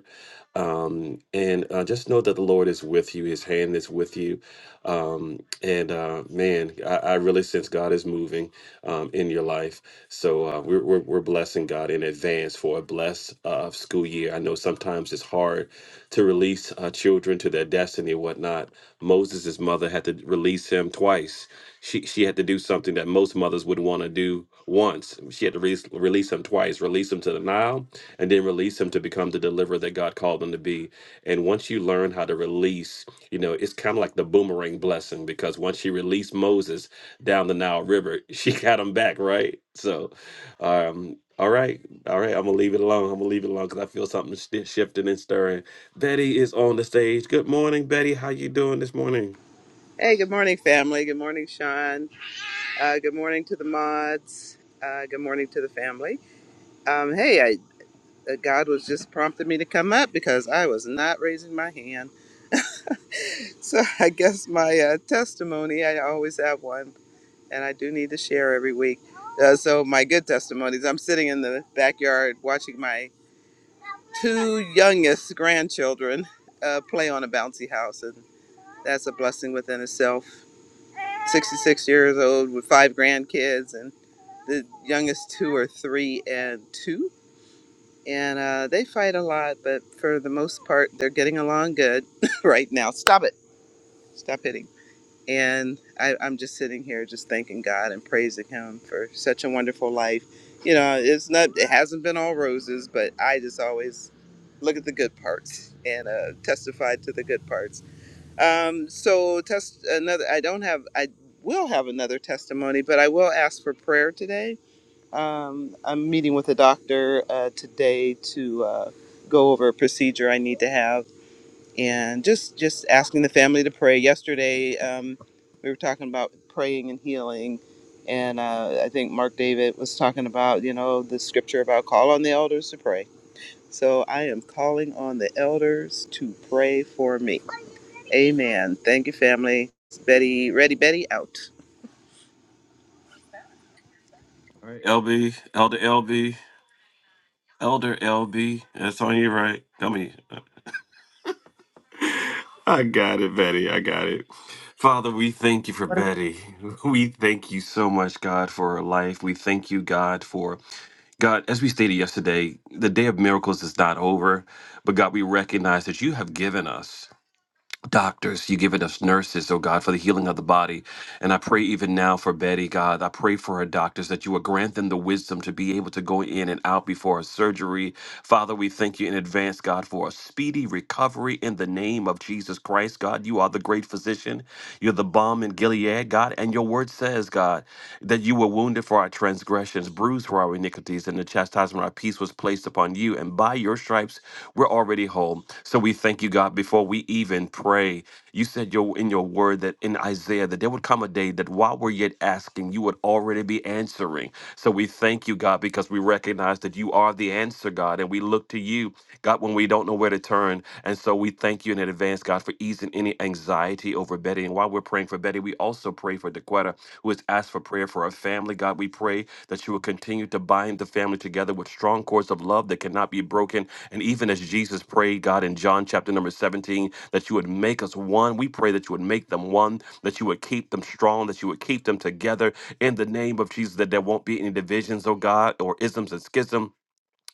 and uh, just know that the Lord is with you. His hand is with you, um, and uh, man, I, I really sense God is moving um, in your life. So uh, we're, we're we're blessing God in advance for a blessed uh, school year. I know sometimes it's hard to release uh, children to their destiny and whatnot. Moses' mother had to release him twice. She she had to do something that most mothers would want to do once. She had to release release him twice, release him to the Nile, and then release him to become the deliverer that God called him to be. And once you learn how to release, you know, it's kind of like the boomerang blessing because once she released Moses down the Nile River, *laughs* she got him back, right? So, um, all right, all right, I'm gonna leave it alone. I'm gonna leave it alone because I feel something sti shifting and stirring. Betty is on the stage. Good morning, Betty. How you doing this morning? Hey, good morning, family. Good morning, Sean. Uh, good morning to the mods. Uh, good morning to the family. Um, hey, I, uh, God was just prompting me to come up because I was not raising my hand. So *laughs* I guess my uh, testimony, I always have one, and I do need to share every week. Uh, so my good testimonies, I'm sitting in the backyard watching my two youngest grandchildren uh, play on a bouncy house, and that's a blessing within itself. 66 years old with five grandkids and the youngest two are three and two. And uh, they fight a lot, but for the most part, they're getting along good *laughs* right now. Stop it. Stop hitting. And I, I'm just sitting here just thanking God and praising Him for such a wonderful life. You know, it's not, it hasn't been all roses, but I just always look at the good parts and uh, testify to the good parts. Um, so, test another, I don't have, I will have another testimony, but I will ask for prayer today um, I'm meeting with a doctor uh, today to uh, go over a procedure I need to have, and just just asking the family to pray. Yesterday, um, we were talking about praying and healing, and uh, I think Mark David was talking about you know the scripture about call on the elders to pray. So I am calling on the elders to pray for me. Amen. Thank you, family. Betty, ready, Betty, out. All right, LB, Elder LB, Elder LB. That's on you, right? Come here. I got it, Betty. I got it. Father, we thank you for Betty. *laughs* We thank you so much, God, for her life. We thank you, God, for God, as we stated yesterday, the day of miracles is not over, but God, we recognize that you have given us doctors, you've given us nurses, oh God, for the healing of the body. And I pray even now for Betty, God. I pray for her doctors that you would grant them the wisdom to be able to go in and out before a surgery. Father, we thank you in advance, God, for a speedy recovery in the name of Jesus Christ, God. You are the great physician. You're the balm in Gilead, God. And your word says, God, that you were wounded for our transgressions, bruised for our iniquities, and the chastisement of our peace was placed upon you. And by your stripes, we're already whole. So we thank you, God, before we even pray. You said your in your word that in Isaiah that there would come a day that while we're yet asking, you would already be answering. So we thank you, God, because we recognize that you are the answer, God, and we look to you, God, when we don't know where to turn. And so we thank you in advance, God, for easing any anxiety over Betty. And while we're praying for Betty, we also pray for DeQuetta, who is asking ask for prayer for our family. God, we pray that you will continue to bind the family together with strong cords of love that cannot be broken. And even as Jesus prayed, God, in John chapter number 17, that you would make us one. We pray that you would make them one, that you would keep them strong, that you would keep them together in the name of Jesus, that there won't be any divisions, oh God, or isms and schism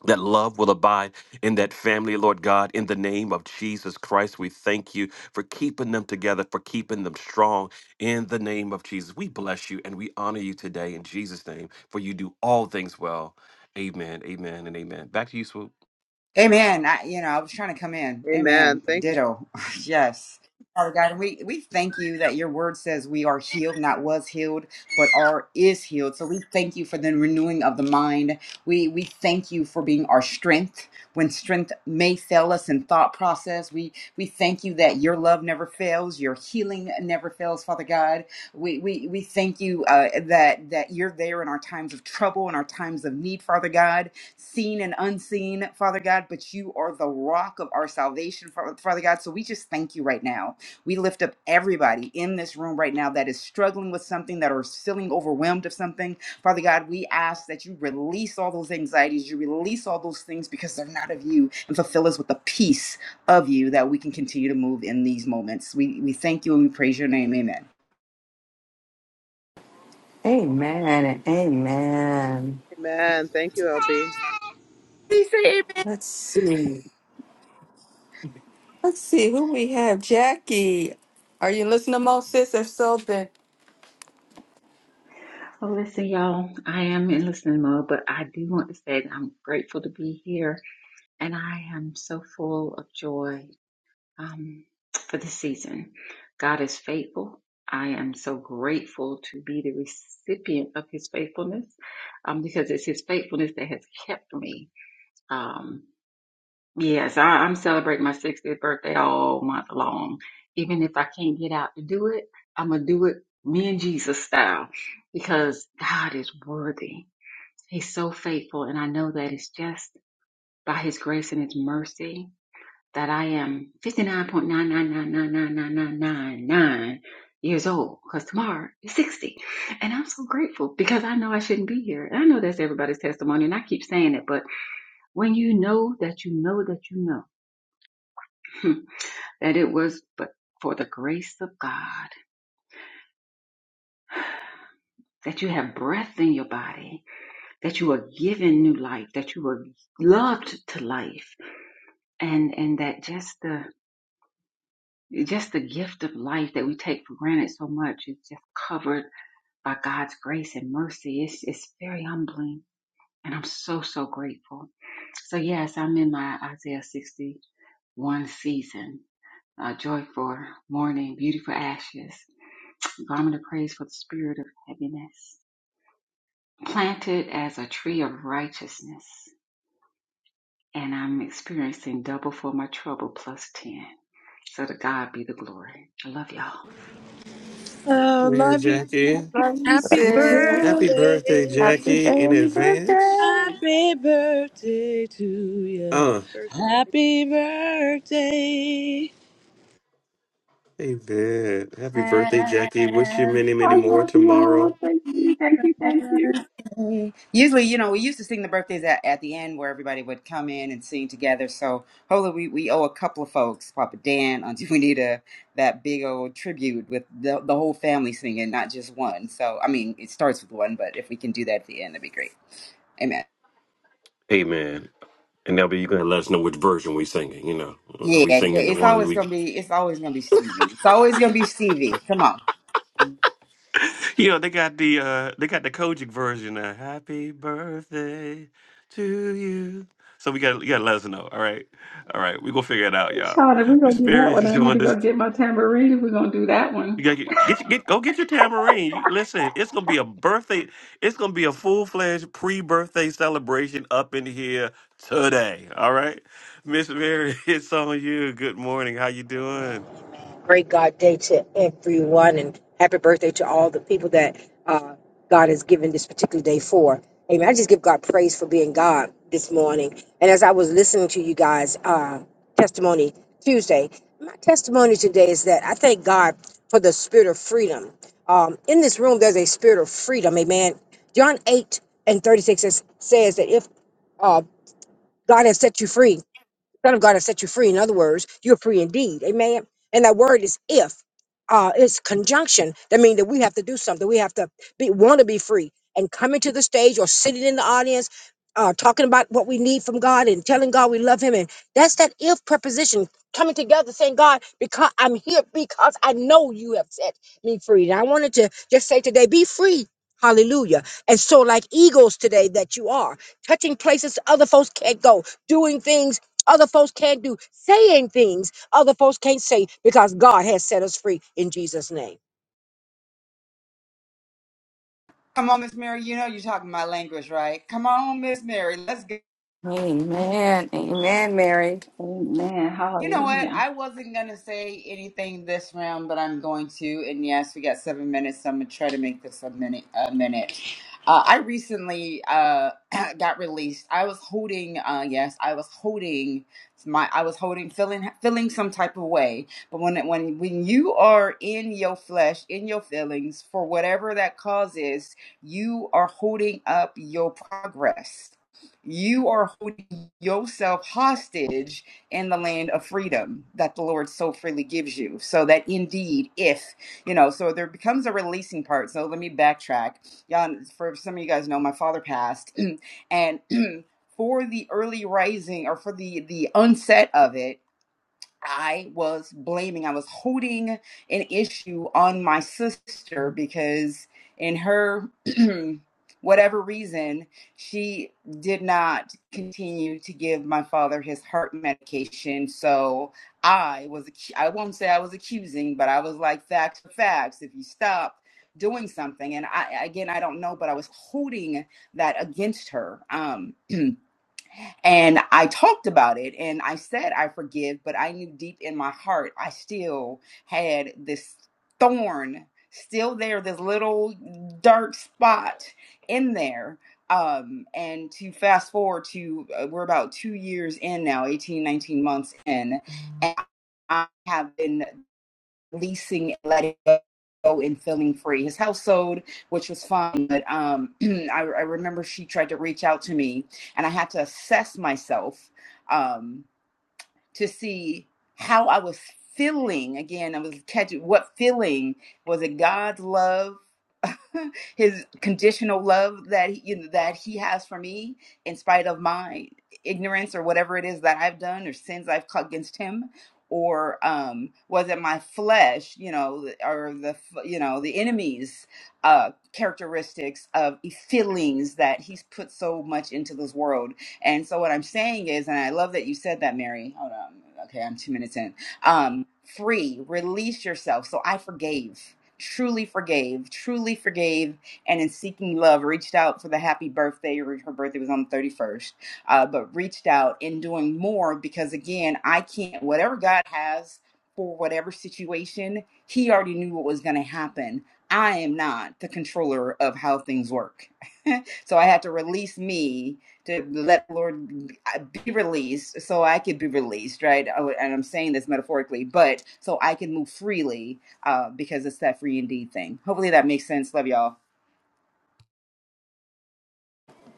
that love will abide in that family, Lord God. In the name of Jesus Christ, we thank you for keeping them together, for keeping them strong. In the name of Jesus, we bless you and we honor you today in Jesus' name, for you do all things well. Amen, amen, and amen. Back to you, Swoop. Amen. I, you know, I was trying to come in. Amen. Amen. Thank you. Ditto. *laughs* yes. Father God, we, we thank you that your word says we are healed, not was healed, but are is healed. So we thank you for the renewing of the mind. We we thank you for being our strength when strength may fail us in thought process. We we thank you that your love never fails, your healing never fails, Father God. We we, we thank you uh, that that you're there in our times of trouble and our times of need, Father God seen and unseen, Father God, but you are the rock of our salvation, Fa- Father God. So we just thank you right now. We lift up everybody in this room right now that is struggling with something, that are feeling overwhelmed of something. Father God, we ask that you release all those anxieties, you release all those things because they're not of you, and fulfill us with the peace of you that we can continue to move in these moments. We, we thank you and we praise your name. Amen. Amen. and Amen. Amen. Thank you, LB. Let's see. Let's see who we have. Jackie, are you listening to Mo, sis? If so, then So listen, y'all, I am in listening mode, but I do want to say that I'm grateful to be here and I am so full of joy um, for this season. God is faithful. I am so grateful to be the recipient of his faithfulness um, because it's his faithfulness that has kept me. Um, yes, I, I'm celebrating my 60th birthday all month long. Even if I can't get out to do it, I'm going to do it me and Jesus style because God is worthy He's so faithful, and I know that it's just by His grace and His mercy that I am 59.9999999 years old because tomorrow is 60. And I'm so grateful because I know I shouldn't be here. And I know that's everybody's testimony, and I keep saying it, but when you know that you know that you know *laughs* that it was but for the grace of God that you have breath in your body, that you are given new life, that you were loved to life, and and that just the just the gift of life that we take for granted so much is just covered by God's grace and mercy. It's it's very humbling, and I'm so so grateful. So yes, I'm in my Isaiah 61 season. Uh, joy for mourning, beauty for ashes, garment of praise for the spirit of heaviness. Planted as a tree of righteousness, and I'm experiencing double for my trouble plus ten. So to God be the glory. I love y'all. Man, Jackie, love you, sis. happy Good birthday, Happy Jackie, in early advance. birthday. Happy birthday to you. Uh, Happy birthday. amen. Happy birthday, Jackie. Wish you many, many I more love y'all. tomorrow. Thank you, thank you, thank you. Mm. Usually, you know, we used to sing the birthdays at, at the end where everybody would come in and sing together. So hopefully we, we owe a couple of folks, Papa Dan, Auntie *laughs* Juanita, that big old tribute with the, the whole family singing, not just one. So, I mean, it starts with one, but if we can do that at the end, that'd be great. Amen. Amen. And now you're going to let us know which version we singing. You know, are Yeah, we yeah, singing the it's one always we gonna be it's always gonna be Stevie. It's always gonna be Stevie. Come on. You know, they got the uh they got the Kojic version of Happy Birthday to you. So we gotta you gotta let us know. All right. All right, we gonna figure it out, y'all. Shauna, we're gonna Miss do that Mary one. is I need doing to this. go get my tambourine. We're gonna do that You one. gotta get, get get go get your tambourine. You- Listen, it's gonna be a birthday, it's gonna be a full fledged pre-birthday celebration up in here today. All right. Miss Mary, *laughs* it's on you. Good morning. How you doing? great God day to everyone, and happy birthday to all the people that uh, God has given this particular day for. Amen. I just give God praise for being God this morning. And as I was listening to you guys, uh, testimony Tuesday, my testimony today is that I thank God for the spirit of freedom. Um, in this room, there's a spirit of freedom. Amen. John 8 and 36 says, says that if uh, God has set you free, Son of God has set you free. In other words, you're free indeed. Amen. And that word is if. Uh, it's conjunction. That means that we have to do something. We have to be want to be free. And coming to the stage or sitting in the audience, uh, talking about what we need from God and telling God we love Him. And that's that if preposition coming together, saying, God, because I'm here because I know you have set me free. And I wanted to just say today, be free. Hallelujah. And so, like eagles today, that you are touching places other folks can't go, doing things other folks can't do saying things other folks can't say because God has set us free in Jesus' name. Come on, Miss Mary. You know you're talking my language, right? Come on, Miss Mary. Let's go. Amen. Amen, Mary. Amen. You know what? Hallelujah. I wasn't going to say anything this round, but I'm going to. And yes, we got seven minutes, so I'm going to try to make this a minute. A minute. Uh, I recently uh, *clears throat* got released. I was holding, uh, yes, I was holding my, I was holding, feeling, feeling some type of way. But when, it- when, when you are in your flesh, in your feelings, for whatever that cause is, you are holding up your progress. You are holding yourself hostage in the land of freedom that the Lord so freely gives you. So that indeed, if, you know, so there becomes a releasing part. So let me backtrack. Y'all, for some of you guys know, my father passed *clears throat* and *clears throat* for the early rising or for the the onset of it I was blaming, I was holding an issue on my sister because, in her *clears throat* whatever reason, she did not continue to give my father his heart medication. So I was, I won't say I was accusing, but I was like, facts are facts. If you stop doing something, and I, again, I don't know, but I was holding that against her. Um, and I talked about it and I said, I forgive, but I knew deep in my heart, I still had this thorn still there, this little dark spot in there. Um, and to fast forward to, uh, we're about two years in now, 18, 19 months in, and I have been releasing, letting go, and feeling free. His household, which was fine, but um, *clears throat* I, I remember she tried to reach out to me, and I had to assess myself. Um, to see how I was feeling. Again, I was catching what feeling was it God's love, *laughs* His conditional love that he, you know, that He has for me, in spite of my ignorance or whatever it is that I've done or sins I've caught against Him. Or um, was it my flesh, you know, or the you know the enemy's uh, characteristics of feelings that he's put so much into this world? And so what I'm saying is, and I love that you said that, Mary. Hold on. Okay, I'm two minutes in. Um, free, release yourself. So I forgave, truly forgave, truly forgave, and in seeking love, reached out for the happy birthday. Her her birthday was on the 31st, uh, but reached out in doing more because again, I can't. Whatever God has for whatever situation, He already knew what was going to happen. I am not the controller of how things work. *laughs* so I had to release me to let the Lord uh, be released so I could be released, right? Oh, And I'm saying this metaphorically, but so I can move freely uh, because it's that free indeed thing. Hopefully that makes sense. Love y'all.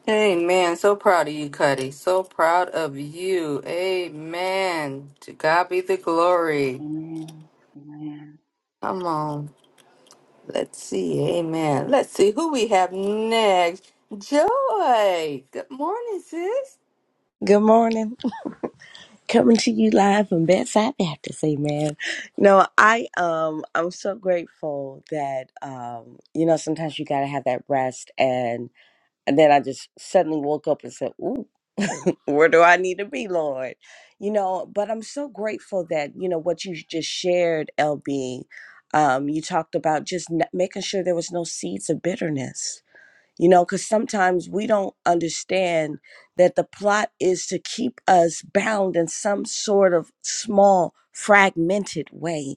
Amen. So proud of you, Cuddy. So proud of you. Amen. To God be the glory. Amen. Amen. Come on. Let's see. Amen. Let's see who we have next. Joy. Good morning, sis. morning. Coming to you live from bedside Baptist, amen. No, I um I'm so grateful that um you know sometimes you gotta have that rest and and then I just suddenly woke up and said, Ooh, where do I need to be, Lord? You know, but I'm so grateful that, you know, what you just shared, LB, um, you talked about just n- making sure there was no seeds of bitterness you know, because sometimes we don't understand that the plot is to keep us bound in some sort of small, fragmented way.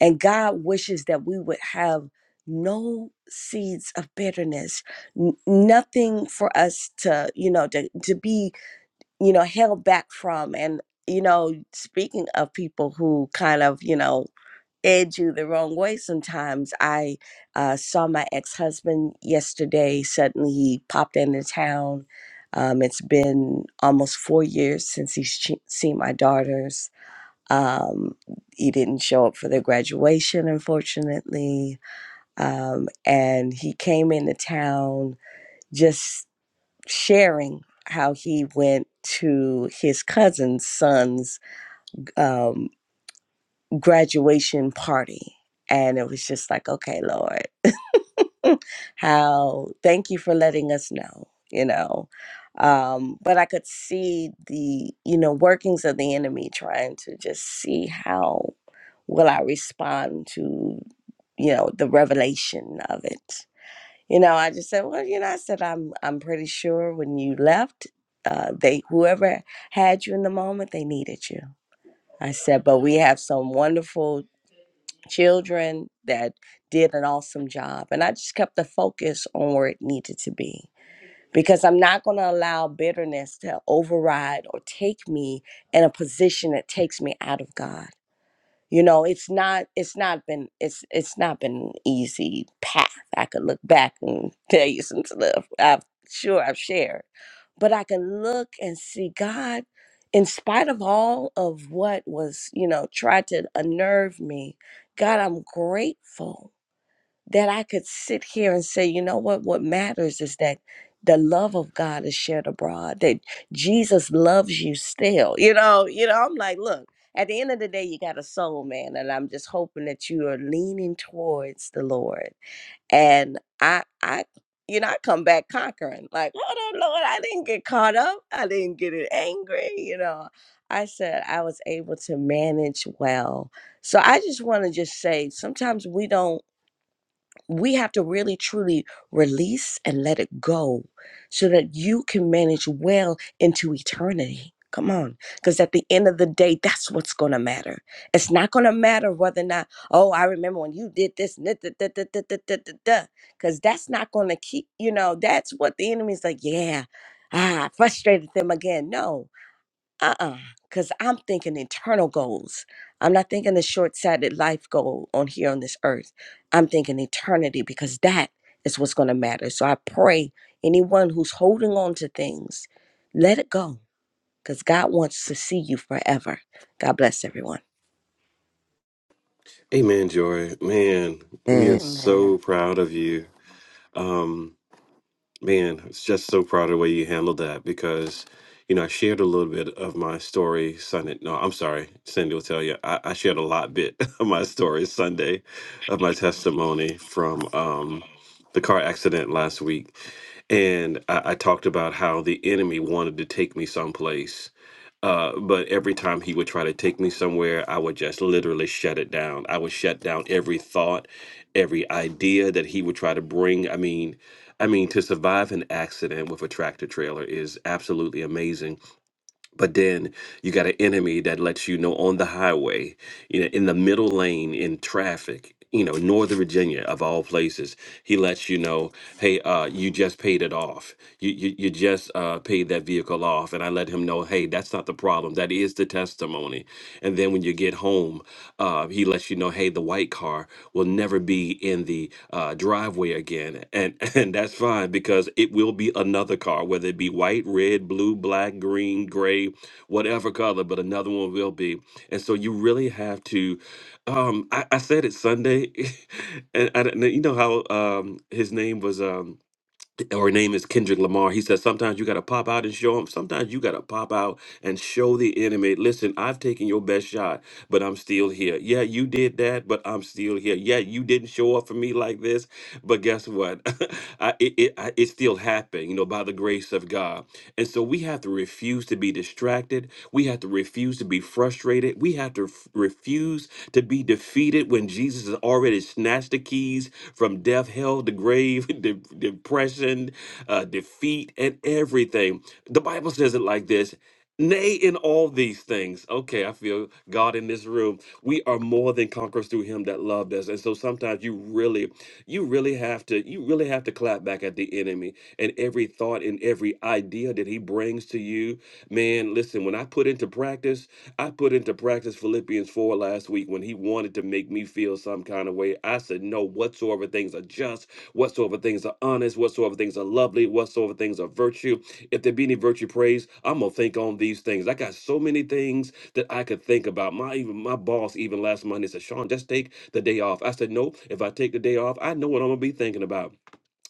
And God wishes that we would have no seeds of bitterness, n- nothing for us to, you know, to, to be, you know, held back from. And, you know, speaking of people who kind of, you know, edge you the wrong way sometimes. I uh, saw my ex husband yesterday. Suddenly he popped into town. Um, it's been almost four years since he's che- seen my daughters. Um, he didn't show up for their graduation, unfortunately. Um, and he came into town just sharing how he went to his cousin's son's um, graduation party. And it was just like, okay, Lord, *laughs* how thank you for letting us know, you know. Um, but I could see the, you know, workings of the enemy trying to just see how will I respond to, you know, the revelation of it. You know, I just said, well, you know, I said I'm I'm pretty sure when you left, uh, they whoever had you in the moment, they needed you. I said, but we have some wonderful children that did an awesome job. And I just kept the focus on where it needed to be because I'm not going to allow bitterness to override or take me in a position that takes me out of God you know it's not it's not been it's it's not been an easy path i could look back and *laughs* tell you some stuff i'm sure i've shared but i can look and see god in spite of all of what was you know tried to unnerve me god i'm grateful that I could sit here and say, you know what? What matters is that the love of God is shared abroad, that Jesus loves you still. You know, you know, I'm like, look, at the end of the day, you got a soul, man. And I'm just hoping that you are leaning towards the Lord. And I I you know, I come back conquering. Like, hold on, Lord, I didn't get caught up. I didn't get it angry, you know. I said I was able to manage well. So I just want to just say sometimes we don't we have to really truly release and let it go so that you can manage well into eternity. Come on. Because at the end of the day, that's what's going to matter. It's not going to matter whether or not, oh, I remember when you did this, because that's not going to keep, you know, that's what the enemy's like, yeah, ah, I frustrated them again. No, uh-uh because i'm thinking eternal goals i'm not thinking the short-sighted life goal on here on this earth i'm thinking eternity because that is what's going to matter so i pray anyone who's holding on to things let it go because god wants to see you forever god bless everyone Hey man, Joy. Man, we are Amen. Amen. so proud of you. Um, Man, I was just so proud of the way you handled that because, you know, I shared a little bit of my story Sunday. No, I'm sorry, Cindy will tell you. I, I shared a lot bit *laughs* of my story Sunday, of my testimony from um, the car accident last week, and I, I talked about how the enemy wanted to take me someplace, uh, but every time he would try to take me somewhere, I would just literally shut it down. I would shut down every thought, every idea that he would try to bring. I mean I mean, to survive an accident with a tractor trailer is absolutely amazing. But then you got an enemy that lets you know on the highway, you know, in the middle lane in traffic, you know, Northern Virginia of all places, he lets you know, hey, uh, you just paid it off. You you, you just uh, paid that vehicle off. And I let him know, hey, that's not the problem. That is the testimony. And then when you get home, uh, he lets you know, hey, the white car will never be in the uh, driveway again, and *laughs* and that's fine because it will be another car, whether it be white, red, blue, black, green, gray, whatever color, but another one will be. And so you really have to. Um, I, I said it Sunday, *laughs* and I, don't know- you know how um, his name was. Um, or her name is Kendrick Lamar. He says sometimes you got to pop out and show them. Sometimes you got to pop out and show the enemy. Listen, I've taken your best shot, but I'm still here. Yeah, you did that, but I'm still here. Yeah, you didn't show up for me like this, but guess what? *laughs* I, it, it, I, it still happened, you know, by the grace of God. And so we have to refuse to be distracted. We have to refuse to be frustrated. We have to f- refuse to be defeated when Jesus has already snatched the keys from death, hell, the grave, *laughs* de- depression, uh, defeat, and everything. The Bible says it like this Nay, in all these things. Okay, I feel God in this room. We are more than conquerors through Him that loved us. And so sometimes you really, you really have to, you really have to clap back at the enemy and every thought and every idea that he brings to you. Man, listen, when I put into practice I put into practice Philippians 4 last week when he wanted to make me feel some kind of way. I said, No, whatsoever things are just, whatsoever things are honest, whatsoever things are lovely, whatsoever things are virtue. If there be any virtue praise, I'm gonna think on these things. I got so many things that I could think about. My even my boss even last Monday said, Sean, just take the day off. I said, No, if I take the day off, I know what I'm gonna be thinking about.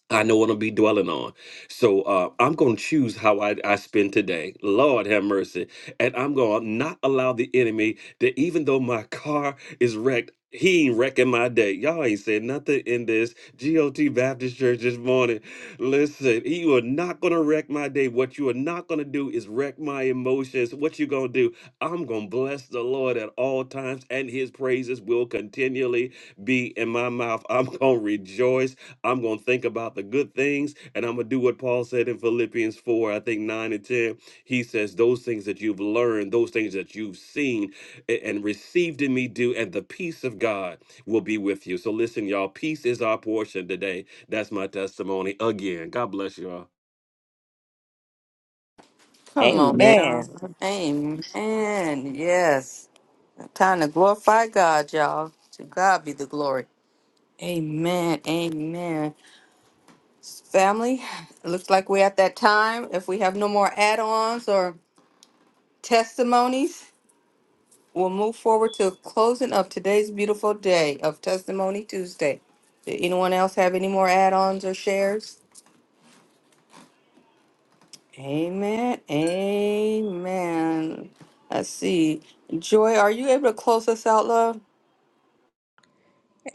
I know what I'll be dwelling on. So uh, I'm going to choose how I, I spend today. Lord have mercy. And I'm going to not allow the enemy that even though my car is wrecked, he ain't wrecking my day. Y'all ain't saying nothing in this GOT Baptist Church this morning. Listen, you are not going to wreck my day. What you are not going to do is wreck my emotions. What you going to do? I'm going to bless the Lord at all times, and his praises will continually be in my mouth. I'm going to rejoice I'm going to think about the good things and I'm going to do what Paul said in Philippians 4, I think 9 and 10. He says, Those things that you've learned, those things that you've seen a- and received in me, do, and the peace of God will be with you. So listen, y'all, peace is our portion today. That's my testimony again. God bless you all. Come on, amen Sean. Amen. Yes. Time to glorify God, y'all. To God be the glory. Amen. Amen. Family, it looks like we're at that time. If we have no more add ons or testimonies, We'll move forward to closing of today's beautiful day of Testimony Tuesday. Did anyone else have any more add ons or shares? Amen. Amen. Let's see. Joy, are you able to close us out, love?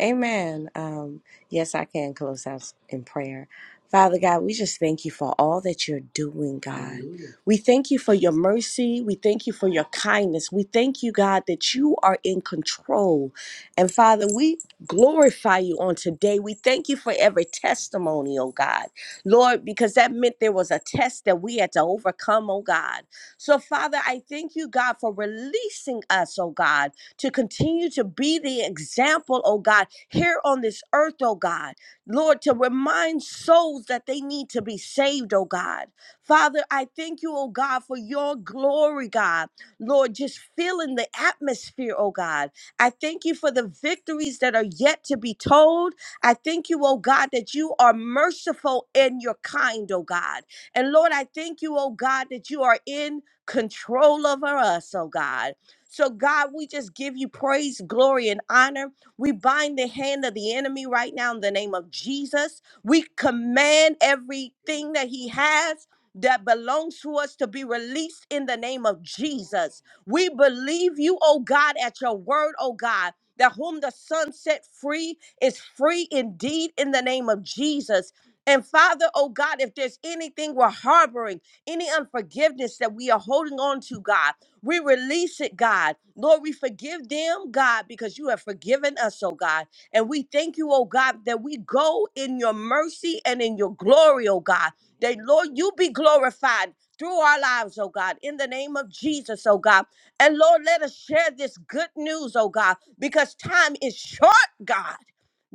Amen. Um, yes, I can close out in prayer. Father God, we just thank you for all that you're doing, God. Hallelujah. We thank you for your mercy. We thank you for your kindness. We thank you, God, that you are in control. And Father, we glorify you on today. We thank you for every testimony, oh God. Lord, because that meant there was a test that we had to overcome, oh God. So, Father, I thank you, God, for releasing us, oh God, to continue to be the example, oh God here on this earth, oh God. Lord, to remind souls that they need to be saved, oh God. Father, I thank you, oh God, for your glory, God. Lord, just filling the atmosphere, oh God. I thank you for the victories that are yet to be told. I thank you, oh God, that you are merciful and you're kind, oh God. And Lord, I thank you, oh God, that you are in control over us, oh God. So, God, we just give you praise, glory, and honor. We bind the hand of the enemy right now in the name of Jesus. We command everything that he has that belongs to us to be released in the name of Jesus. We believe you, oh God, at your word, oh God. That whom the Son set free is free indeed in the name of Jesus. And Father, oh God, if there's anything we're harboring, any unforgiveness that we are holding on to, God. We release it, God. Lord, we forgive them, God, because you have forgiven us, oh God. And we thank you, oh God, that we go in your mercy and in your glory, oh God. That, Lord, you be glorified through our lives, oh God, in the name of Jesus, oh God. And Lord, let us share this good news, oh God, because time is short, God.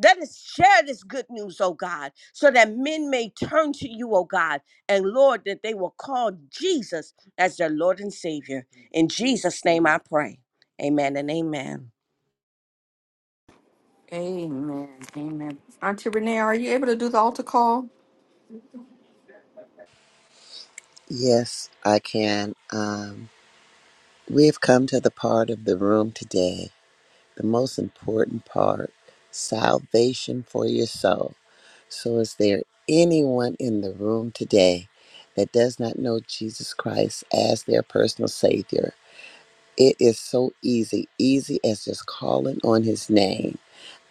Let us share this good news, oh God, so that men may turn to you, oh God, and Lord, that they will call Jesus as their Lord and Savior. In Jesus' name I pray. Amen and amen. Amen. Amen. Auntie Renee, are you able to do the altar call? Yes, I can. Um, we've come to the part of the room today, the most important part salvation for your soul. So, is there anyone in the room today that does not know Jesus Christ as their personal Savior? It is so easy, easy as just calling on His name.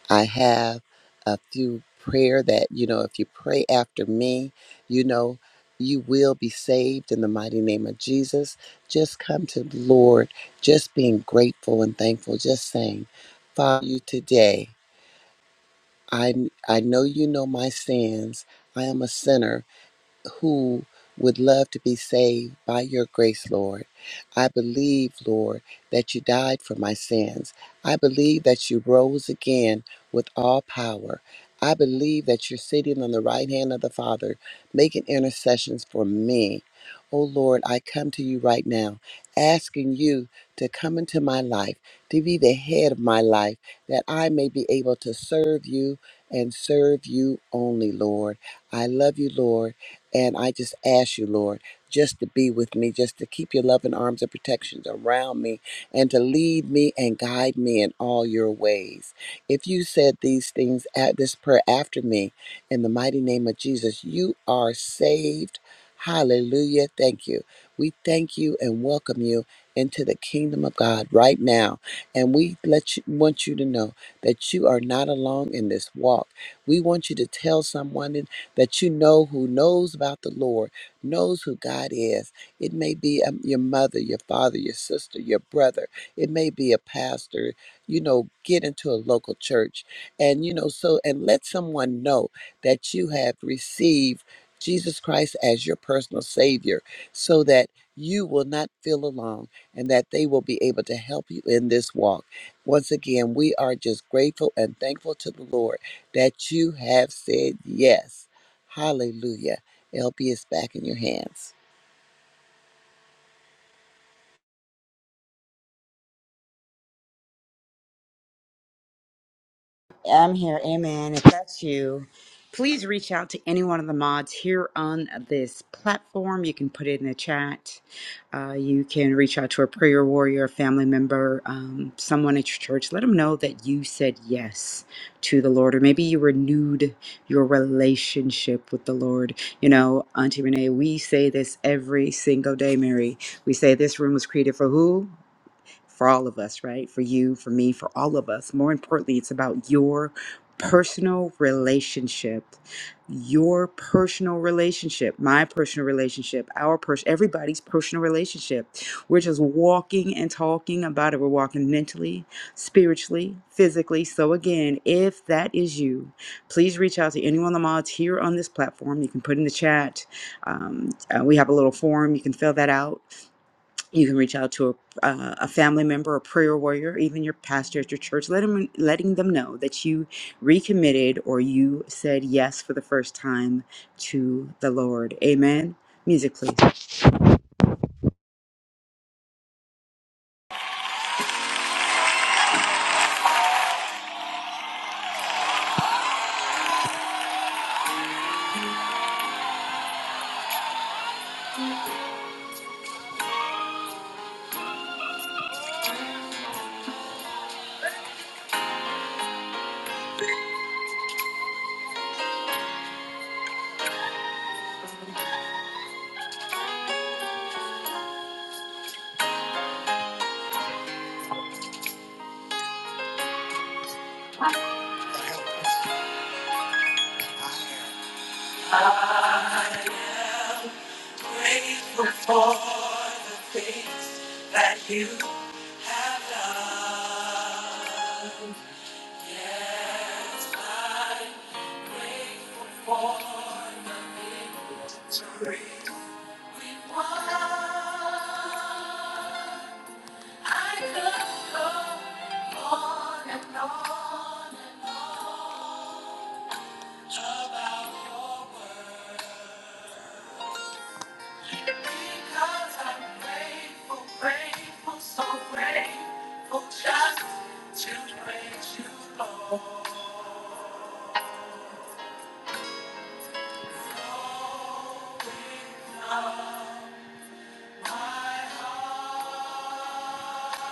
I have a few prayer that, you know, if you pray after me, you know, you will be saved in the mighty name of Jesus. Just come to the Lord, just being grateful and thankful, just saying, Father, you today, I, I know you know my sins. I am a sinner who would love to be saved by your grace, Lord. I believe, Lord, that you died for my sins. I believe that you rose again with all power. I believe that you're sitting on the right hand of the Father, making intercessions for me. Oh Lord, I come to you right now, asking you to come into my life, to be the head of my life, that I may be able to serve you and serve you only, Lord. I love you, Lord and I just ask you, Lord, just to be with me, just to keep your loving arms and protections around me, and to lead me and guide me in all your ways. If you said these things at this prayer after me, in the mighty name of Jesus, you are saved. Hallelujah. Thank you. We thank you and welcome you into the kingdom of God right now. And we let you want you to know that you are not alone in this walk. We want you to tell someone that you know who knows about the Lord, knows who God is. It may be um, your mother, your father, your sister, your brother. It may be a pastor. You know, get into a local church and, you know, so, and let someone know that you have received Jesus Christ as your personal Savior so that you will not feel alone and that they will be able to help you in this walk. Once again, we are just grateful and thankful to the Lord that you have said yes. Hallelujah. LB is back in your hands. I'm here, amen. If that's you, please reach out to any one of the mods here on this platform. You can put it in the chat. Uh, you can reach out to a prayer warrior, a family member, um, someone at your church. Let them know that you said yes to the Lord, or maybe you renewed your relationship with the Lord. You know, Auntie Renee, we say this every single day, Mary. We say this room was created for who? for all of us, right? For you, for me, for all of us. More importantly, it's about your personal relationship, your personal relationship, my personal relationship, our person, everybody's personal relationship. We're just walking and talking about it. We're walking mentally, spiritually, physically. So again, if that is you, please reach out to any one of the mods here on this platform. You can put in the chat. Um, uh, we have a little form. You can fill that out you can reach out to a, uh, a family member, a prayer warrior, even your pastor at your church, let them, letting them know that you recommitted or you said yes for the first time to the Lord. Amen. Music, please. Because I'm grateful, grateful, so grateful just to praise you, Lord. My heart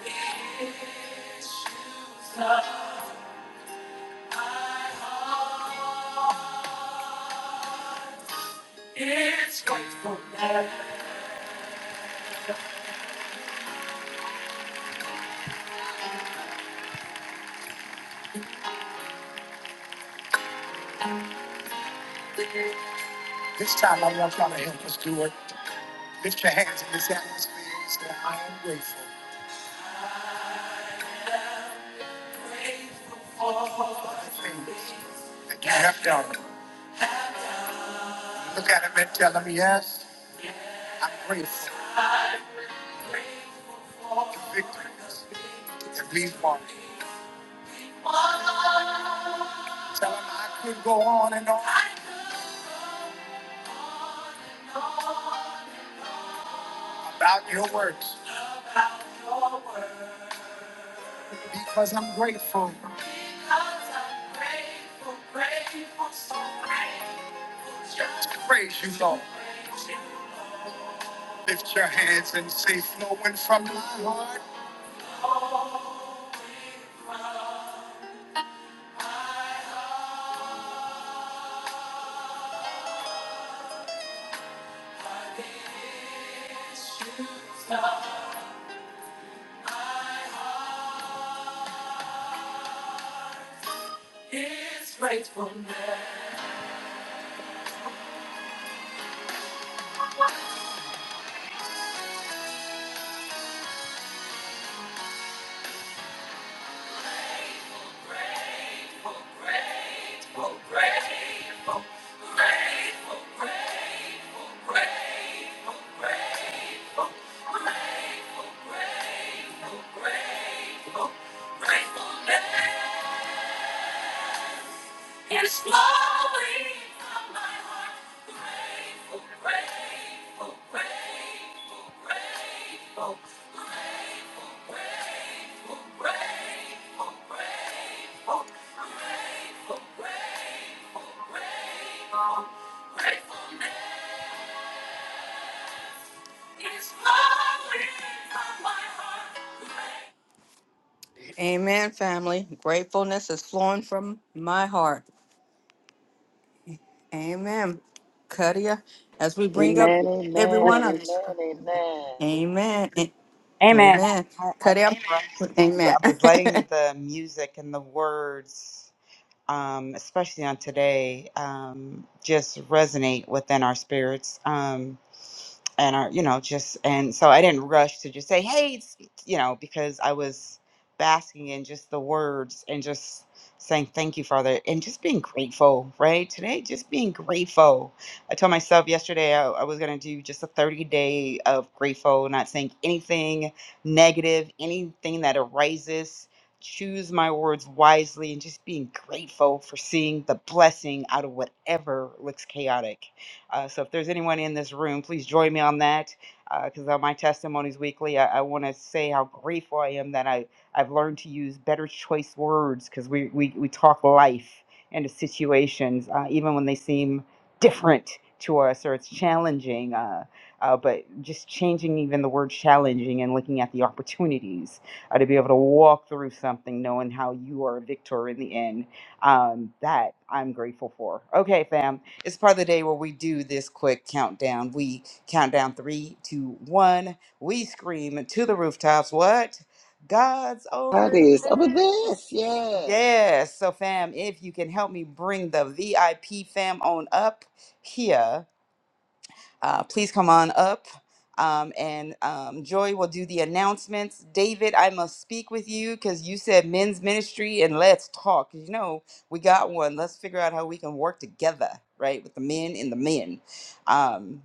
because I'm grateful, grateful, so grateful, grateful. It's flowing from my heart. Grateful, grateful, grateful, grateful. Amen, family. Gratefulness is flowing from my heart. Amen. Cutia, as we bring up Amen, amen, everyone up. amen, amen. Amen. Amen. Amen. I, I didn't Cutia. rush to you. I Amen. was letting *laughs* the music and the words. um, especially on today, um, just resonate within our spirits. Um, and our, you know, just, and so I didn't rush to just say, hey, it's, you know, because I was basking in just the words and just saying thank you, Father, and just being grateful, right? Today, just being grateful. I told myself yesterday I, I was going to do just a 30 day of grateful, not saying anything negative, anything that arises choose my words wisely and just being grateful for seeing the blessing out of whatever looks chaotic. Uh, so, if there's anyone in this room, please join me on that because on my testimonies weekly, I, I want to say how grateful I am that I, I've learned to use better choice words because we, we, we talk life into situations, uh, even when they seem different to us or it's challenging. Uh, uh, but just changing even the word challenging and looking at the opportunities or to be able to walk through something knowing how you are a victor in the end. Um, that I'm grateful for. Okay, fam. It's part of the day where we do this quick countdown. We count down three, two, one. We scream to the rooftops. What? God's God over is over there. this. Yes. Yes. So, fam, if you can help me bring the VIP fam on up here uh, please come on up. Um, and um, Joy will do the announcements. David, I must speak with you because you said men's ministry and let's talk. You know, we got one. Let's figure out how we can work together, right? With the men and the men. Um,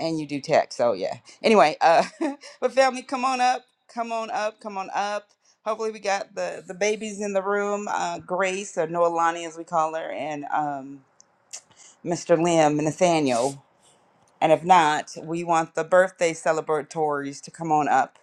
and you do tech. So yeah. Anyway, uh *laughs* but family, come on up, come on up, come on up. Hopefully we got the the babies in the room, uh Grace or Noelani as we call her, and um Mr. Lim, Nathaniel. And if not, we want the birthday celebratories to come on up.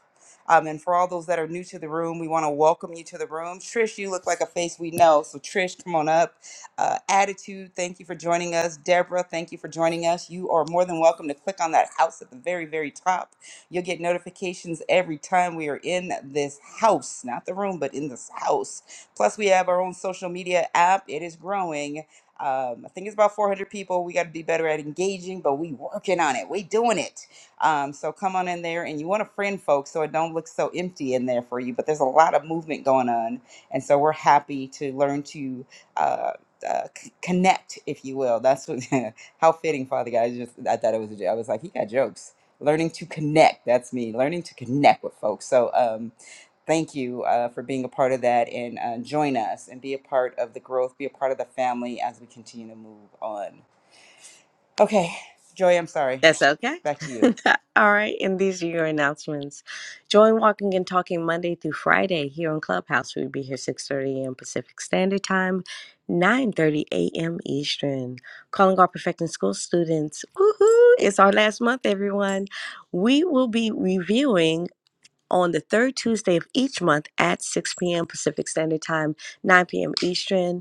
Um, and for all those that are new to the room, we want to welcome you to the room. Trish, you look like a face we know. So, Trish, come on up. Uh, Attitude, thank you for joining us. Deborah, thank you for joining us. You are more than welcome to click on that house at the very, very top. You'll get notifications every time we are in this house, not the room, but in this house. Plus, we have our own social media app. It is growing um, I think it's about 400 people. We got to be better at engaging, but we working on it. We doing it. Um, so come on in there, and you want to friend folks so it don't look so empty in there for you. But there's a lot of movement going on, and so we're happy to learn to uh, uh, c- connect, if you will. That's what *laughs* how fitting, Father God. I just I thought it was a joke. I was like, he got jokes. Learning to connect. That's me. Learning to connect with folks. So. Um, thank you uh, for being a part of that and uh, join us and be a part of the growth, be a part of the family as we continue to move on. Okay, Joy, I'm sorry. That's okay. Back to *laughs* you. All right. And these are your announcements. Join Walking and Talking Monday through Friday here on Clubhouse. We'll be here 6.30 a.m. Pacific Standard Time, 9.30 a.m. Eastern. Calling all Perfecting School students. Woohoo! It's our last month, everyone. We will be reviewing on the third Tuesday of each month at 6 p.m. Pacific Standard Time, 9 p.m. Eastern.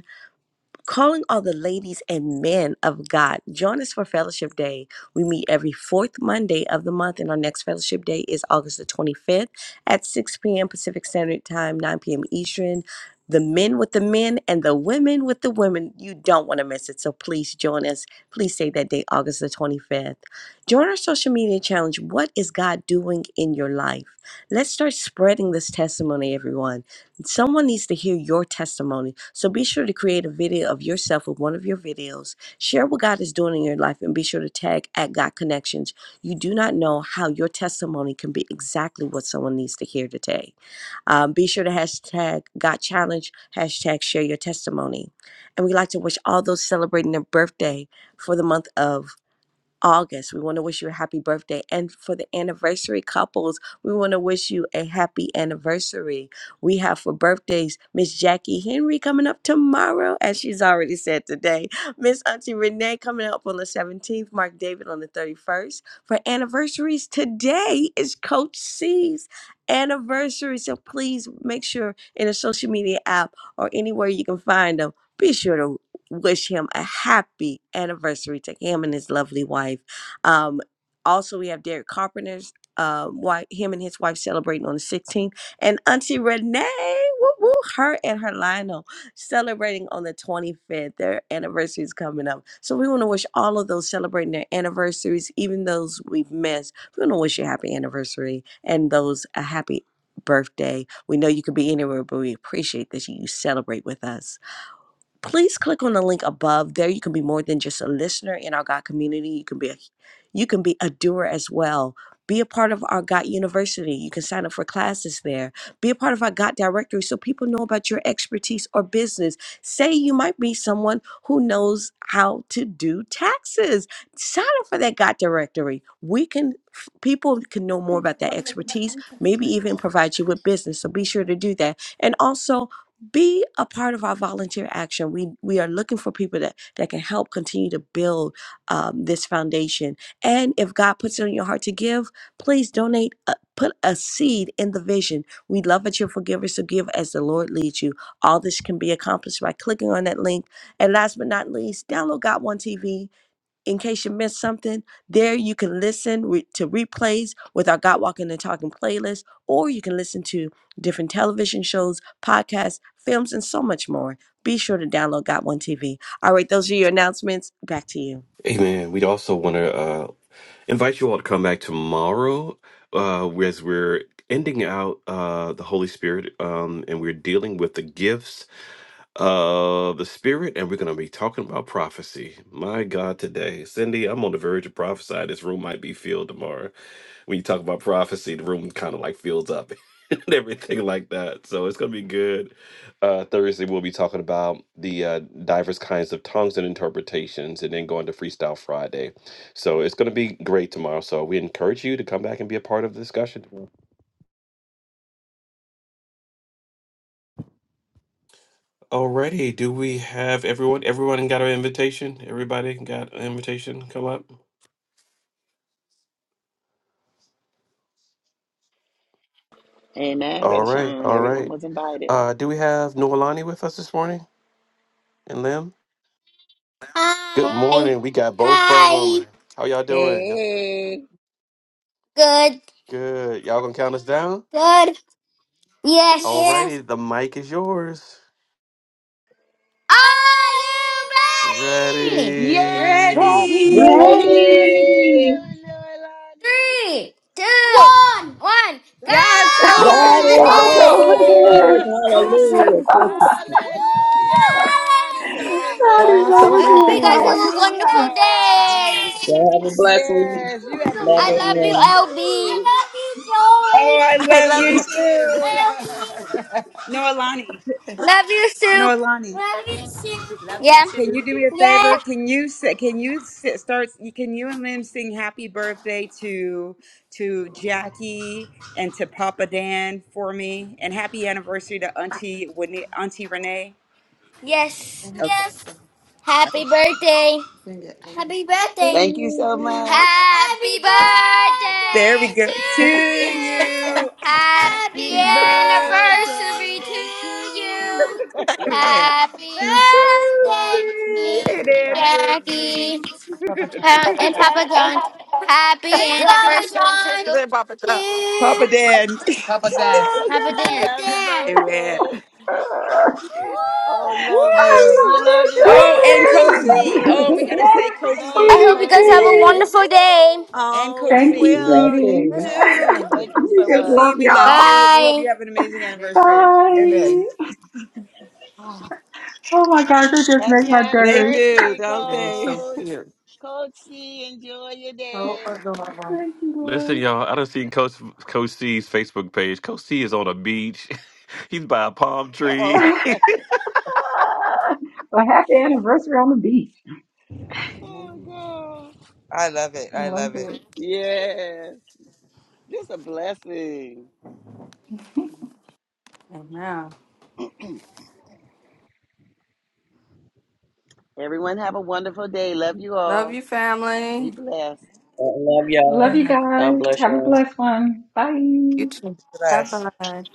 calling all the ladies and men of God. Join us for Fellowship Day. We meet every fourth Monday of the month, and our next Fellowship Day is August the 25th at 6 p.m. Pacific Standard Time, 9 p.m. Eastern. The men with the men and the women with the women. You don't want to miss it. So please join us. Please save that date, August the 25th. Join our social media challenge. What is God doing in your life? Let's start spreading this testimony, everyone. Someone needs to hear your testimony. So be sure to create a video of yourself with one of your videos. Share what God is doing in your life and be sure to tag at God Connections. You do not know how your testimony can be exactly what someone needs to hear today. Um, be sure to hashtag God Challenge, hashtag share your testimony. And we'd like to wish all those celebrating their birthday for the month of August. We want to wish you a happy birthday. And for the anniversary couples, we want to wish you a happy anniversary. We have for birthdays Miss Jackie Henry coming up tomorrow, as she's already said today. Miss Auntie Renee coming up on the 17th, Mark David on the 31st. For anniversaries, today is Coach C's anniversary. So please make sure in a social media app or anywhere you can find them, be sure to wish him a happy anniversary to him and his lovely wife. Um, also, we have Derek Carpenter's um, wife, him and his wife celebrating on the 16th, and Auntie Renee, woo woo, her and her Lionel celebrating on the 25th. Their anniversary is coming up, so we want to wish all of those celebrating their anniversaries, even those we've missed. We want to wish you a happy anniversary and those a happy birthday. We know you could be anywhere, but we appreciate that you celebrate with us please click on the link above there you can be more than just a listener in our god community you can be a you can be a doer as well be a part of our god university you can sign up for classes there be a part of our god directory so people know about your expertise or business say you might be someone who knows how to do taxes sign up for that god directory we can f- people can know more about that expertise maybe even provide you with business so be sure to do that and also be a part of our volunteer action. We we are looking for people that that can help continue to build um, this foundation. And if God puts it on your heart to give, please donate. uh put a seed in the vision. We love that you're forgivers so give as the Lord leads you. All this can be accomplished by clicking on that link. And last but not least, download Got One TV in case you missed something, there you can listen re- to replays with our God Walking and Talking playlist, or you can listen to different television shows, podcasts, films, and so much more. Be sure to download Got One TV. All right, those are your announcements. Back to you. Amen. We'd also want to invite you all to come back tomorrow uh, as we're ending out uh, the Holy Spirit um, and we're dealing with the gifts of the Spirit and we're going to be talking about prophecy. My God, today, Cindy, I'm on the verge of prophesy. This room might be filled tomorrow. When you talk about prophecy, the room kind of like fills up. *laughs* And everything like that, so it's gonna be good. Uh, Thursday we'll be talking about the uh, diverse kinds of tongues and interpretations, and then going to Freestyle Friday so it's going to be great tomorrow. So we encourage you to come back and be a part of the discussion. Alrighty, do we have everyone? Everyone got an invitation? Everybody got an invitation? Come up. Amen, All Brother right, Sean. all Everyone right. was invited. Uh, do we have Noelani with us this morning and Lim? Good Hi. morning. We got both of them. Hi. How y'all doing? Y'all- Hey. Good. Good. Y'all gonna count us down? Good. Yes. Yes. Alrighty, the mic is yours. Are you ready? Yes, Ready? Ready. we're Ready, Way, Ready. ready, Lil- Lilani. Three, two, one, one. Go! God's over so God God is is God's over this. dance, over over this. this. this. I saw Hallelujah. *laughs* Thank you. this I think- Woo! Hallelujah. God is over God is God's over I this. over *laughs* hope this. you guys have a this. Hallelujah. wonderful Hallelujah. day. God have a blessing. Yes, you have a Love I blessed love you, day everyone. LB. too. I Oh, I *laughs* I love love you you too. too. love No, Alani. you, Joey. Love you, No, Soup. Alani. Love you. Love you Yeah. Can you too. do me a favor? Yeah. Can you say, can you s- start, can you and Lim sing happy birthday to, to Jackie and to Papa Dan for me? And happy anniversary to Auntie, Winnie- Auntie Renee? Yes. Okay. Yes. Happy birthday. Happy birthday. Thank you so much. Happy There we birthday to go. To you. you. Happy Happy Happy anniversary to birthday to you. you. Love Happy birthday, birthday and Miss anniversary. Jackie Pa- and Papa John. Happy Hey, Papa anniversary John. They pop it up. Papa to Dan. *laughs* Oh, Papa Dan. God. Papa Happy Dan. birthday. I Woo! Oh, Woo! love you. You love love it. you, Woo! love Oh, you, Thank and love you. Coach C. you. you. Oh, we got to That *laughs* say is the Coach Love I C. you, hope sweetest you Coach love guys you, have a C. love thing. wonderful you. day. And Oh, Coach we Thank you, C. Love will. *laughs* You sweetie. There's you. hearts too. Amen. around you. Thank you We so Coach just much. love C, we love y'all. you. We hope Bye. you have an amazing They anniversary. fuck Amen. Bye. me. Oh, Oh my gosh, you just make Happy my They day. do, anniversary, don't they are they? so Coach. cute. Coachy, enjoy your So day. adorable. Thank you, Listen, Lord. y'all, I done seen Coach Coach C's Facebook page. Coach C is on a beach. *laughs* He's by a palm Uh *laughs* oh. tree. *laughs* well, happy anniversary on the beach. Oh, God. I love it. I I love love it. Yes. Just a blessing. Amen. Everyone have a wonderful day. Love you Love all. you, Be family. blessed. Love *laughs* Love y'all. you You guys. God bless Have a y'all. blessed one. Bye. too. Bye it. bye.